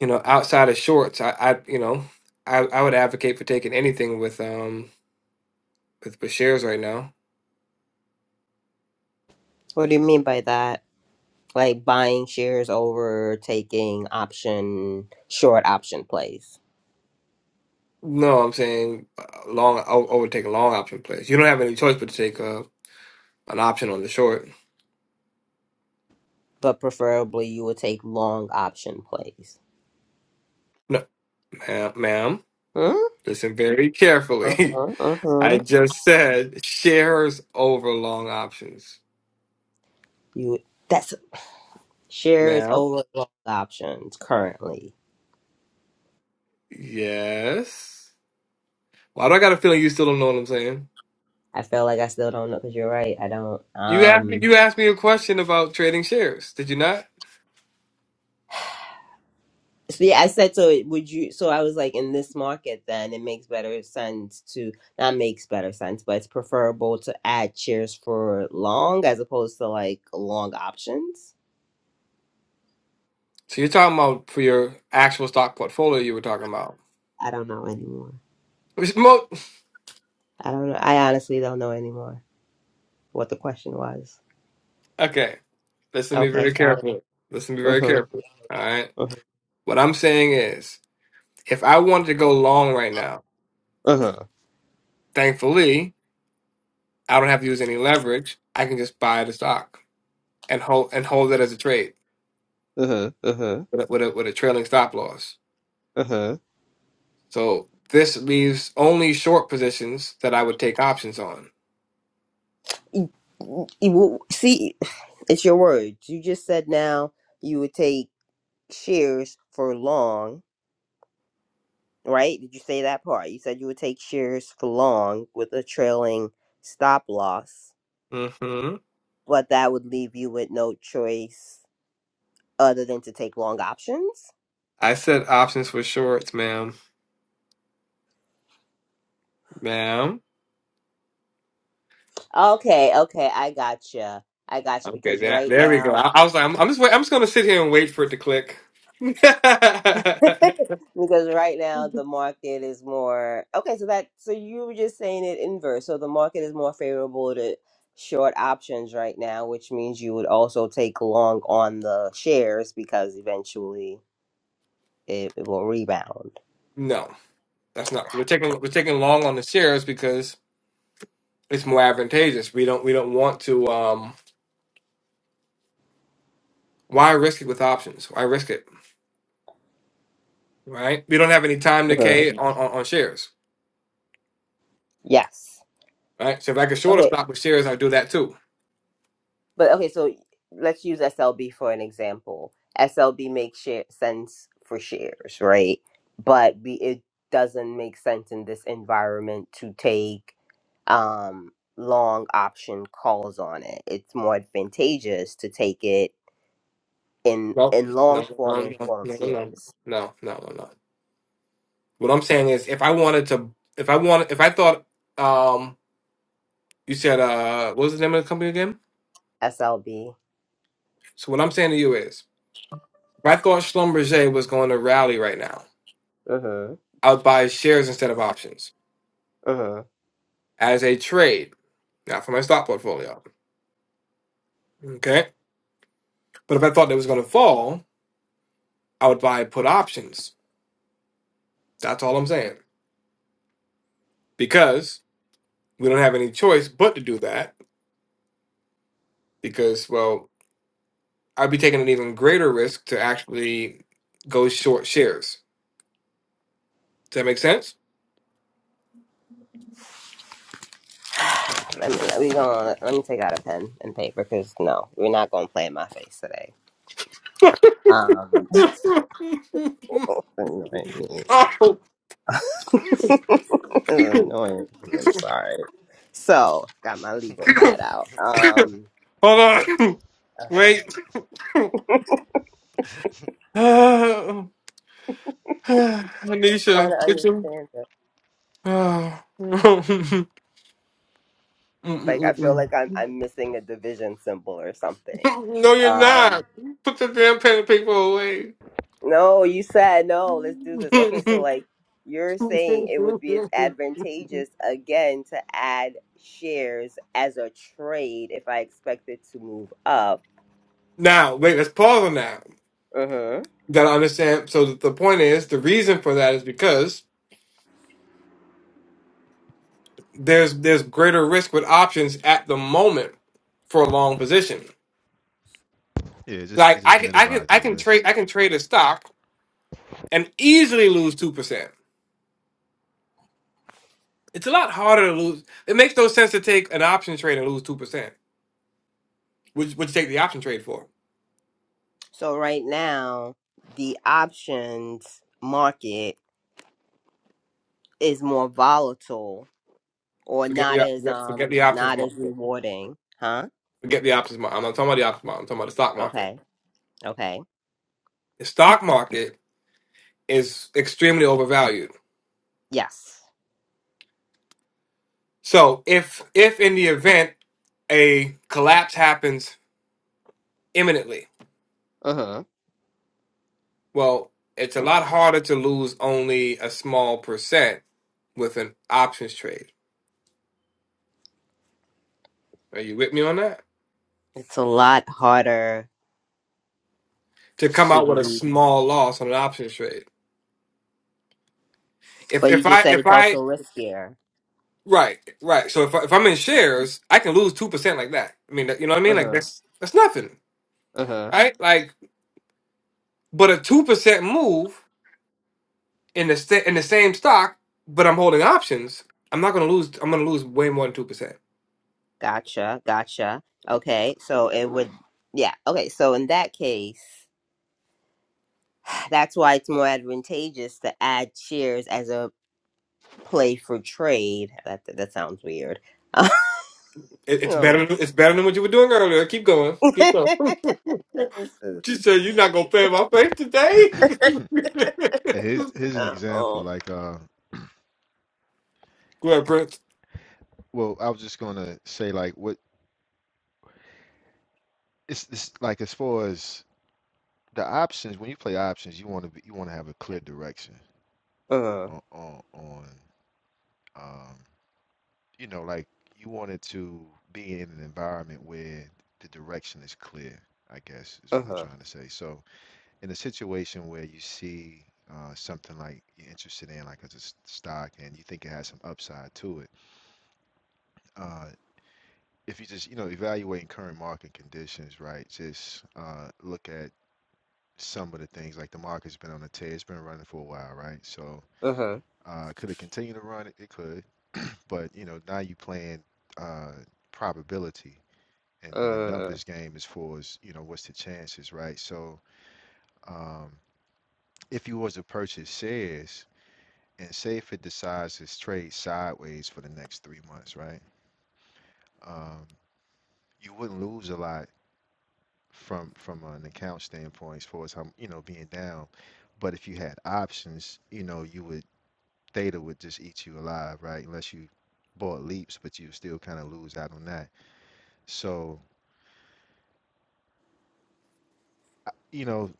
A: you know outside of shorts, I, I you know I, I would advocate for taking anything with um with, with shares right now
D: What do you mean by that? Like buying shares over taking option short option plays.
A: No, I'm saying uh, long. I would I would take a long option place. You don't have any choice but to take uh, an option on the short.
D: but preferably you would take long option plays.
A: No, ma'am, ma'am,
D: Hmm?
A: listen very carefully.
D: Uh-huh,
A: I
D: uh-huh.
A: just said shares over long options,
D: You that's shares
A: ma'am.
D: over long options currently.
A: Yes. Why do I got a feeling you still don't know what I'm saying?
D: I feel like I still don't know because you're right. I don't.
A: You asked me,
D: Um.
A: you asked me a question about trading shares. Did you not?
D: So yeah, I said so. Would you? So I was like, in this market, then it makes better sense to not makes better sense, but it's preferable to add shares for long as opposed to like long options.
A: So you're talking about for your actual stock portfolio. You were talking about.
D: I don't know anymore.
A: Which mo-
D: I don't know. I honestly don't know anymore what the question was.
A: Okay, listen to me
D: Okay,
A: very carefully. Listen to me very
D: Uh-huh.
A: carefully. All right.
D: Uh-huh.
A: What I'm saying is, if I wanted to go long right now,
D: Uh-huh.
A: thankfully, I don't have to use any leverage. I can just buy the stock and hold and hold it as a trade
D: Uh-huh. Uh-huh.
A: with a, with a, with a trailing stop loss.
D: Uh-huh.
A: So this leaves only short positions that I would take options on.
D: You, you will- see, it's your words. You just said now you would take shares for long, right? Did you say that part? You said you would take shares for long with a trailing stop loss,
A: hmm
D: but that would leave you with no choice other than to take long options.
A: I said options for shorts, ma'am, ma'am.
D: Okay, okay, I gotcha. I gotcha
A: Okay,
D: because
A: there,
D: right
A: there we go.
D: now
A: I, I was like, I'm, I'm just wait, I'm just gonna sit here and wait for it to click. no,
D: because right now the market is more okay so that so you were just saying it inverse so the market is more favorable to short options right now which means you would also take long on the shares because eventually it, it will rebound
A: that's not. We're taking we're taking long on the shares because it's more advantageous. We don't we don't want to um why risk it with options? Why risk it? Right? We don't have any time
D: Mhm.
A: decay on, on, on shares.
D: yes
A: Right? So if I can short a
D: Okay.
A: stock with shares, I do that too.
D: But okay, so let's use SLB for an example. SLB makes share, sense for shares, right? But we, it doesn't make sense in this environment to take um, long option calls on it. It's more advantageous to take it in
A: Well,
D: in long
A: no,
D: form
A: no, no,
D: and
A: no,
D: form of
A: no, no, no,
D: shares.
A: no, no. no. What I'm saying is if I wanted to if I wanted if I thought um you said uh what was the name of the company again?
D: SLB.
A: So what I'm saying to you is if I thought Schlumberger was going to rally right now,
D: Mhm.
A: I would buy shares instead of options
D: Mhm.
A: as a trade, not for my stock portfolio. Okay. But if I thought it was going to fall, I would buy put options. That's all I'm saying. Because we don't have any choice but to do that. Because, well, I'd be taking an even greater risk to actually go short shares. Does that make sense?
D: Let me let me go on. Let me take out a pen and paper because no, we're not gonna play in my face today. Um.
A: Oh.
D: It's
A: Hold
D: annoying. I'm sorry. So, got my legal pad out. Um,
A: on.
D: I'm
A: Wait. Ah, ah,
D: trying
A: Anisha,
D: to
A: get your.
D: understand it.
A: Ah. Mm,
D: Like,
A: mm,
D: I
A: mm,
D: feel
A: mm.
D: like I'm I'm missing a division symbol or something.
A: no, you're
D: Um,
A: not. Put the damn pen and paper away.
D: no, you said no. Let's do this. Okay, so like you're saying, it would be
A: now,
D: advantageous again to add shares as a trade if I expect it to move up.
A: wait, let's pause on that.
D: Mm-hmm.
A: Gotta understand. So the the point is, the reason for that is because there's there's greater risk with options at the moment for a long position.
C: Yeah, it just
A: Like
C: it
A: I
C: just
A: can I can
C: minimize
A: I
C: your
A: can
C: risk.
A: trade I can trade a stock and easily lose two percent. It's a lot harder to lose. It makes no sense to take an option trade and lose two percent. Would would you take the option trade for?
D: So right now, the options market. is more volatile or
A: Forget the
D: not
A: op-
D: as
A: forget, forget
D: um
A: the options
D: not as
A: market.
D: rewarding huh
A: Forget the options market. I'm not talking about the options market. I'm talking about the stock market.
D: okay okay
A: The stock market is extremely overvalued.
D: yes
A: So if if in the event a collapse happens imminently,
D: mm-hmm.
A: well, it's a lot harder to lose only a small percent with an options trade. Are you with me on that?
D: it's a lot harder
A: To come
D: to
A: out with a
D: lose
A: small loss on an options trade. If
D: but you
A: if
D: just
A: I
D: said
A: if
D: it's
A: I
D: also riskier
A: right right so if I, if I'm in shares, I can lose two percent like that. I mean, you know what I mean? Like
D: mm-hmm.
A: that's that's nothing,
D: Mm-hmm.
A: right? Like, but a two percent move. in the sta- in the same stock, but I'm holding options. I'm not gonna lose. I'm gonna lose way more than two percent.
D: gotcha gotcha okay so it would yeah okay so in that case that's why it's more advantageous to add shares as a play for trade that that sounds weird
A: It, it's
D: um,
A: better. Than, it's better than what you were doing earlier. Keep going. Keep
D: this
A: going.
D: is-
A: she said, "You're not gonna pay my face
C: and
A: today."
C: here's here's an example. Like, uh,
A: Go ahead, Prince.
C: well, I was just gonna say like what it's, it's like as far as the options when you play options, you want to you want to have a clear direction
D: Uh-huh.
C: on on, on um, you know like you want it to be in an environment where the direction is clear. I guess is what I'm
D: Uh-huh.
C: trying to say. So. in a situation where you see uh, something like you're interested in, like as a s- stock, and you think it has some upside to it, uh, if you just, you know, evaluating current market conditions, right? Just uh, look at some of the things like the market's been on a tear, it's been running for a while, right? So
D: Uh-huh.
C: uh, could it continue to run? It, it could, but you know, now you playing uh, probability. And, and the
D: Uh.
C: numbers game as far as you know what's the chances right so um, if you was to purchase shares and say if it decides to trade sideways for the next three months, right? Um, you wouldn't lose a lot from from an account standpoint as far as how you know being down, but if you had options, you know you would theta would just eat you alive, right? Unless you bought leaps, but you still kind of lose out on that. So you know,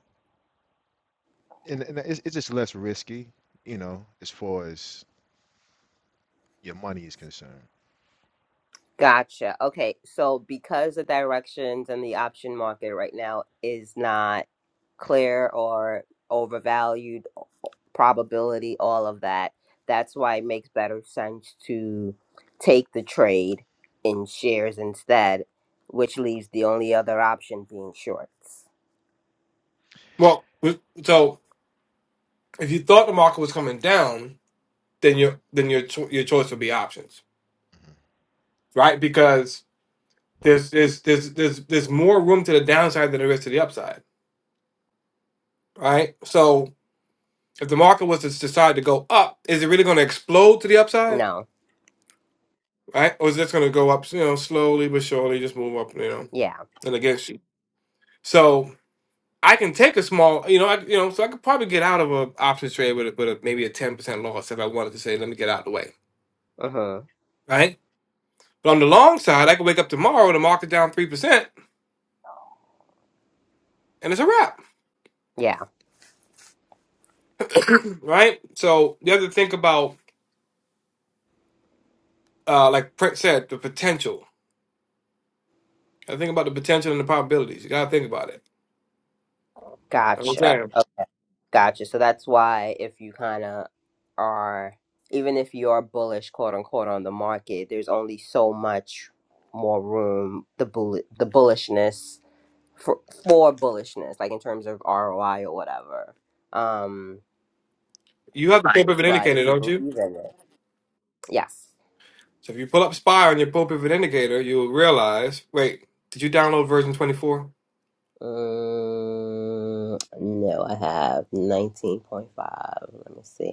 C: and, and it's, it's just less risky, you know, as far as your money is concerned.
D: Gotcha. Okay. So because the directions and the option market right now is not clear or overvalued, probability, all of that, that's why it makes better sense to take the trade in shares instead, which leaves the only other option being shorts.
A: Well, so if you thought the market was coming down, then your then your cho- your choice would be options,
C: Mhm.
A: right? Because there's there's there's there's there's more room to the downside than there is to the upside, right? So if the market was to decide to go up, is it really going to explode to the upside?
D: No.
A: right? Or is this going to go up, you know, slowly but surely, just move up, you know,
D: Yeah.
A: and against you? So I can take a small, you know, I, you know, so I could probably get out of a options trade with, a, with a, maybe a ten percent loss if I wanted to say, let me get out of the way,
D: Uh-huh.
A: right? But on the long side, I could wake up tomorrow with the market down three percent, and it's a wrap,
D: Yeah.
A: right? So you have to think about, uh, like Prince said, the potential. I think about the potential and the probabilities. You got to think about it. I'm
D: Gotcha.
A: saying
D: Gotcha. So that's why if you kind of are, even if you are bullish, quote unquote, on the market, there's only so much more room the bull the bullishness for for bullishness, like in terms of ROI or whatever. Um,
A: you have the paper of an
D: but
A: indicator,
D: if you
A: don't you?
D: believe in it, yes.
A: So if you pull up Spire on your pulpit indicator, you'll realize. Wait, did you download version twenty four?
D: Um, no, I have nineteen point five. Let me see.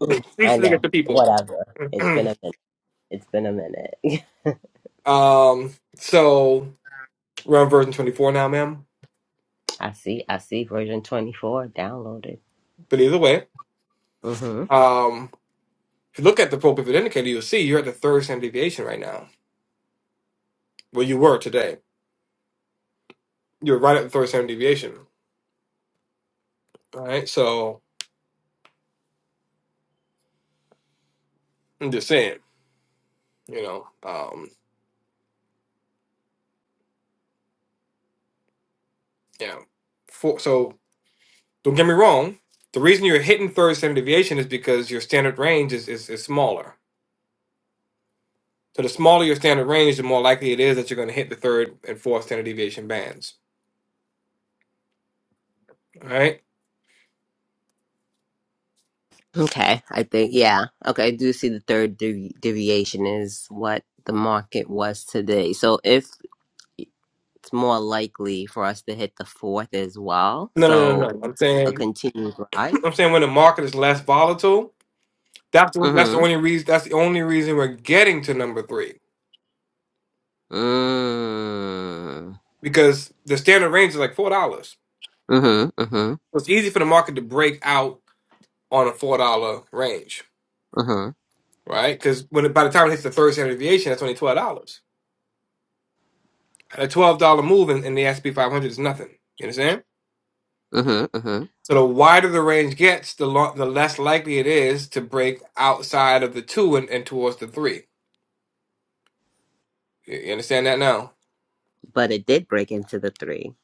D: I
A: Usually get
D: know.
A: the people.
D: Whatever. It's been a minute. It's been a minute.
A: um, so we're on version twenty four now, ma'am.
D: I see. I see. Version 24 downloaded.
A: But either way,
D: Mm-hmm.
A: um, if you look at the pulpit indicator, you'll see you're at the third standard deviation right now. Well, you were today. You're right at the third standard deviation. All right. So I'm just saying, you know, um, yeah. Four. so Don't get me wrong. The reason you're hitting third standard deviation is because your standard range is, is, is smaller. So the smaller your standard range, the more likely it is that you're going to hit the third and fourth standard deviation bands. All right.
D: Okay. I think, yeah. Okay. I do see the third devi- deviation is what the market was today. So if it's more likely for us to hit the fourth as well.
A: No, no, no, no.
D: So
A: no. I'm
D: a
A: saying,
D: continued rise.
A: I'm saying when the market is less volatile, that's the, that's the
D: Mm-hmm.
A: only reason. That's the only reason we're getting to number three
D: Mm.
A: because the standard range is like four dollars.
D: Mm-hmm. Mm-hmm.
A: So It's easy for the market to break out on a four dollar range,
D: Mm-hmm.
A: right? Because when it- by the time it hits the third standard deviation, that's only twelve dollars. a twelve dollar move in, in the S and P five hundred is nothing. You understand?
D: Mm-hmm. Mm-hmm.
A: So the wider the range gets, the lo- the less likely it is to break outside of the two and, and towards the three. You you understand that now,
D: But it did break into the three.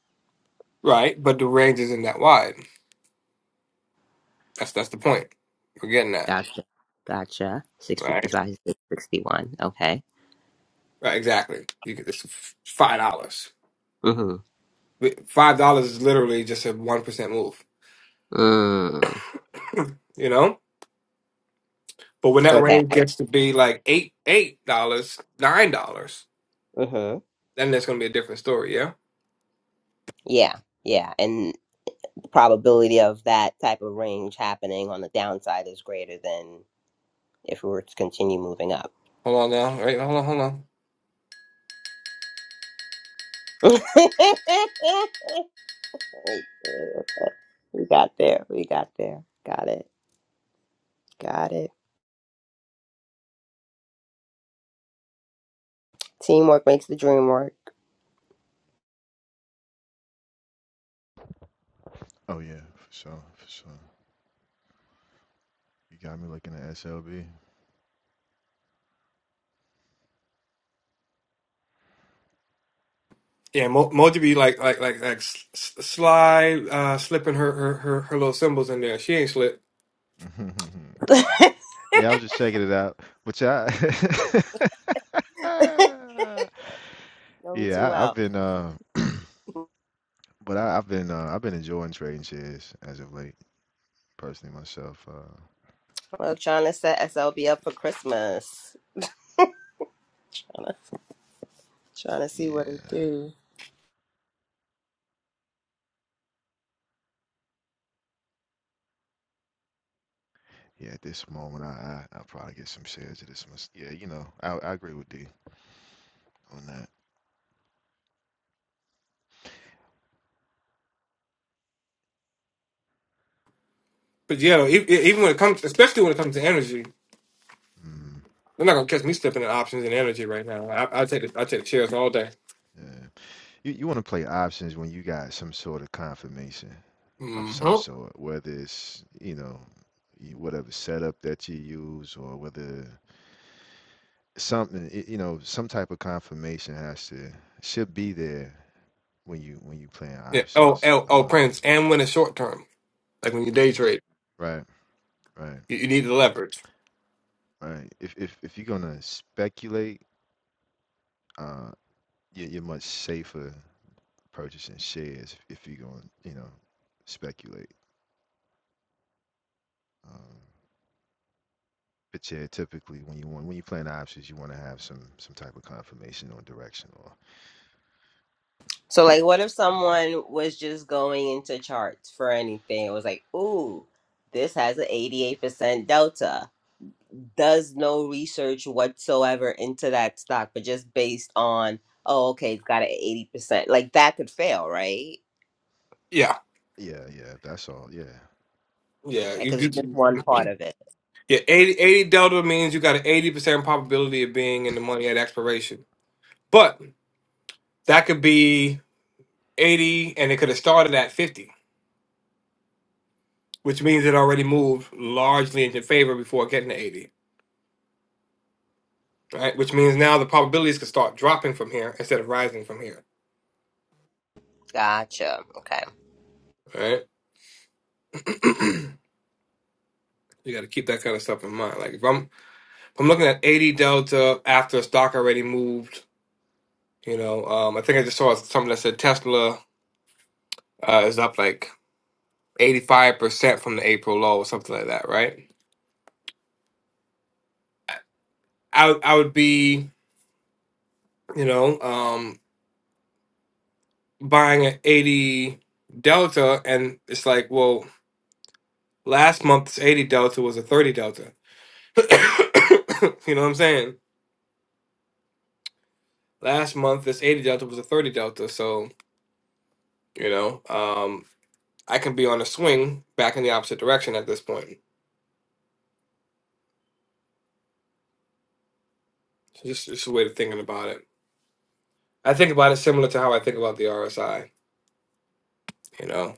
A: right? But the range isn't that wide. That's that's the point. We're getting that
D: Gotcha. Gotcha.
A: right.
D: 655, 661. Okay.
A: Right, exactly. You get this f- five dollars.
D: Mm-hmm.
A: Five dollars is literally just a one percent move.
D: mm.
A: You know. But when that
D: Okay.
A: range gets to be like eight eight dollars, nine dollars,
D: Mm-hmm.
A: then that's gonna be a different story. Yeah.
D: Yeah. Yeah. And the probability of that type of range happening on the downside is greater than if we were to continue moving up.
A: Hold on now. Right. Hold on. Hold on.
D: we got there. We got there. Got it. Got it. Teamwork makes the dream work.
C: Oh yeah, for sure, for sure. You got me looking at SLB.
A: Yeah, Mo- Moji be like like like like s- s- Sly uh, slipping her, her her her little symbols in there. She ain't slipped.
D: know
C: Yeah, I was just checking it out. But yeah, I-
D: me too
C: yeah, I, I've
D: well.
C: been, uh, but I, I've been, uh, I've been enjoying trading shares as of late, personally myself. Uh,
D: Well, trying to set SLB up for Christmas. Trying to see what it
C: yeah,
D: do.
C: yeah. At this moment, I, I, I'll probably get some shares of this. mys- Yeah, you know, I, I agree with D on that.
A: But yeah, e- e- even when it comes, especially when it comes to energy,
C: Mm,
A: they're not gonna catch me slipping in options and energy right now. I I take the I take the chairs all day.
C: yeah, you, you want to play options when you got some sort of confirmation of
A: hmm
C: some sort, whether it's, you know, y- whatever setup that you use or whether. something y- you know some type of confirmation has to should be there when you when you playing
A: Yeah. Oh,
C: options
A: oh, oh,
C: um
A: Prince, and when it's short term, like when you day trade,
C: right right
A: you, you need the leverage.
C: right if if, if you're gonna speculate uh you're, you're much safer purchasing shares if, if you're gonna you know speculate um but yeah typically when you want when you're playing options you want to have some some type of confirmation or direction or
D: So, like, what if
C: you know
D: someone was just going into charts for anything? It was like, ooh, this has an 88% delta. Does no research whatsoever into that stock, but just based on, oh, okay, it's got an 80%. Like, that could fail, right?
A: Yeah.
C: yeah yeah that's all yeah
A: Yeah.
D: Okay,
A: You,
D: because it's just
A: you
D: one part of it.
A: yeah. 80 80 delta means you got an eighty percent probability of being in the money at expiration, but that could be eighty, and it could have started at fifty. which means it already moved largely into favor before getting to 80, right? Which means now the probabilities could start dropping from here instead of rising from here,
D: Gotcha. Okay.
A: right? you got to keep that kind of stuff in mind. Like if I'm if I'm looking at 80 delta after a stock already moved, you know, um, I think I just saw something that said Tesla uh, is up like 85 percent from the April low or something like that, right? I would- I would be you know um, buying at 80 delta, and it's like well. Last month's 80 delta was a 30 delta. you know what I'm saying? Last month this 80 delta was a 30 delta, so you know, um I can be on a swing back in the opposite direction at this point. So just just a way of thinking about it. I think about it similar to how I think about the RSI, you know.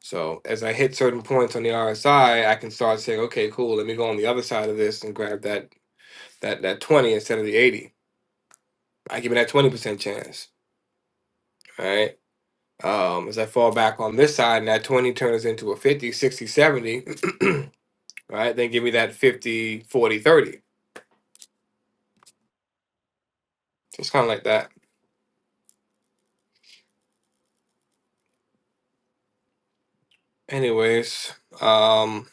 A: So as I hit certain points on the RSI, I I can start saying, okay, cool, let me go on the other side of this and grab that that that 20 instead of the 80. I give it that 20% chance, right? Um, as I fall back on this side and that 20 turns into a fifty, sixty, seventy. right? Then give me that fifty, forty, thirty. 40, So it's kind of like that. Anyways, um,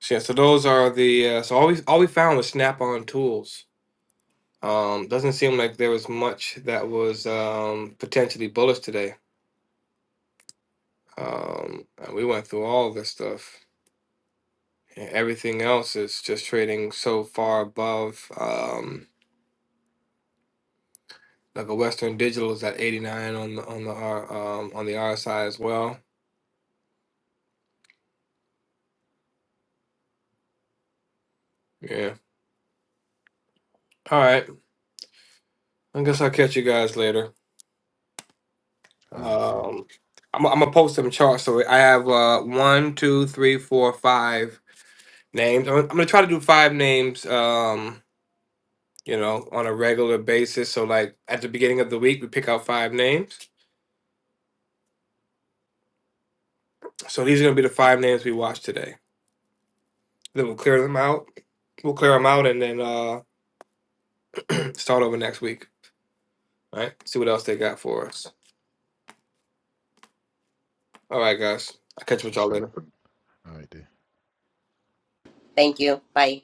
A: so yeah, so those are the, uh, so all we, all we found was snap-on tools. Um, doesn't seem like there was much that was um, potentially bullish today. Um, and we went through all this stuff. Yeah, Everything else is just trading so far above. Um, like a Western Digital is at 89 on the on the R um on the RSI as well. Yeah. All right. I guess I'll catch you guys later.
C: all right dude
A: Um I'm I'm gonna post some charts. So I have uh one, two, three, four, five names. I'm, I'm gonna try to do five names um, you know, on a regular basis. So like at the beginning of the week we pick out five names. So these are gonna be the five names we watch today. Then we'll clear them out. We'll clear them out and then uh start over next week. All right. See what else they got for us. All right, guys. I'll catch up
C: that's
A: with
C: what's
A: y'all
C: up
A: later.
C: all right dude
D: Thank you. Bye.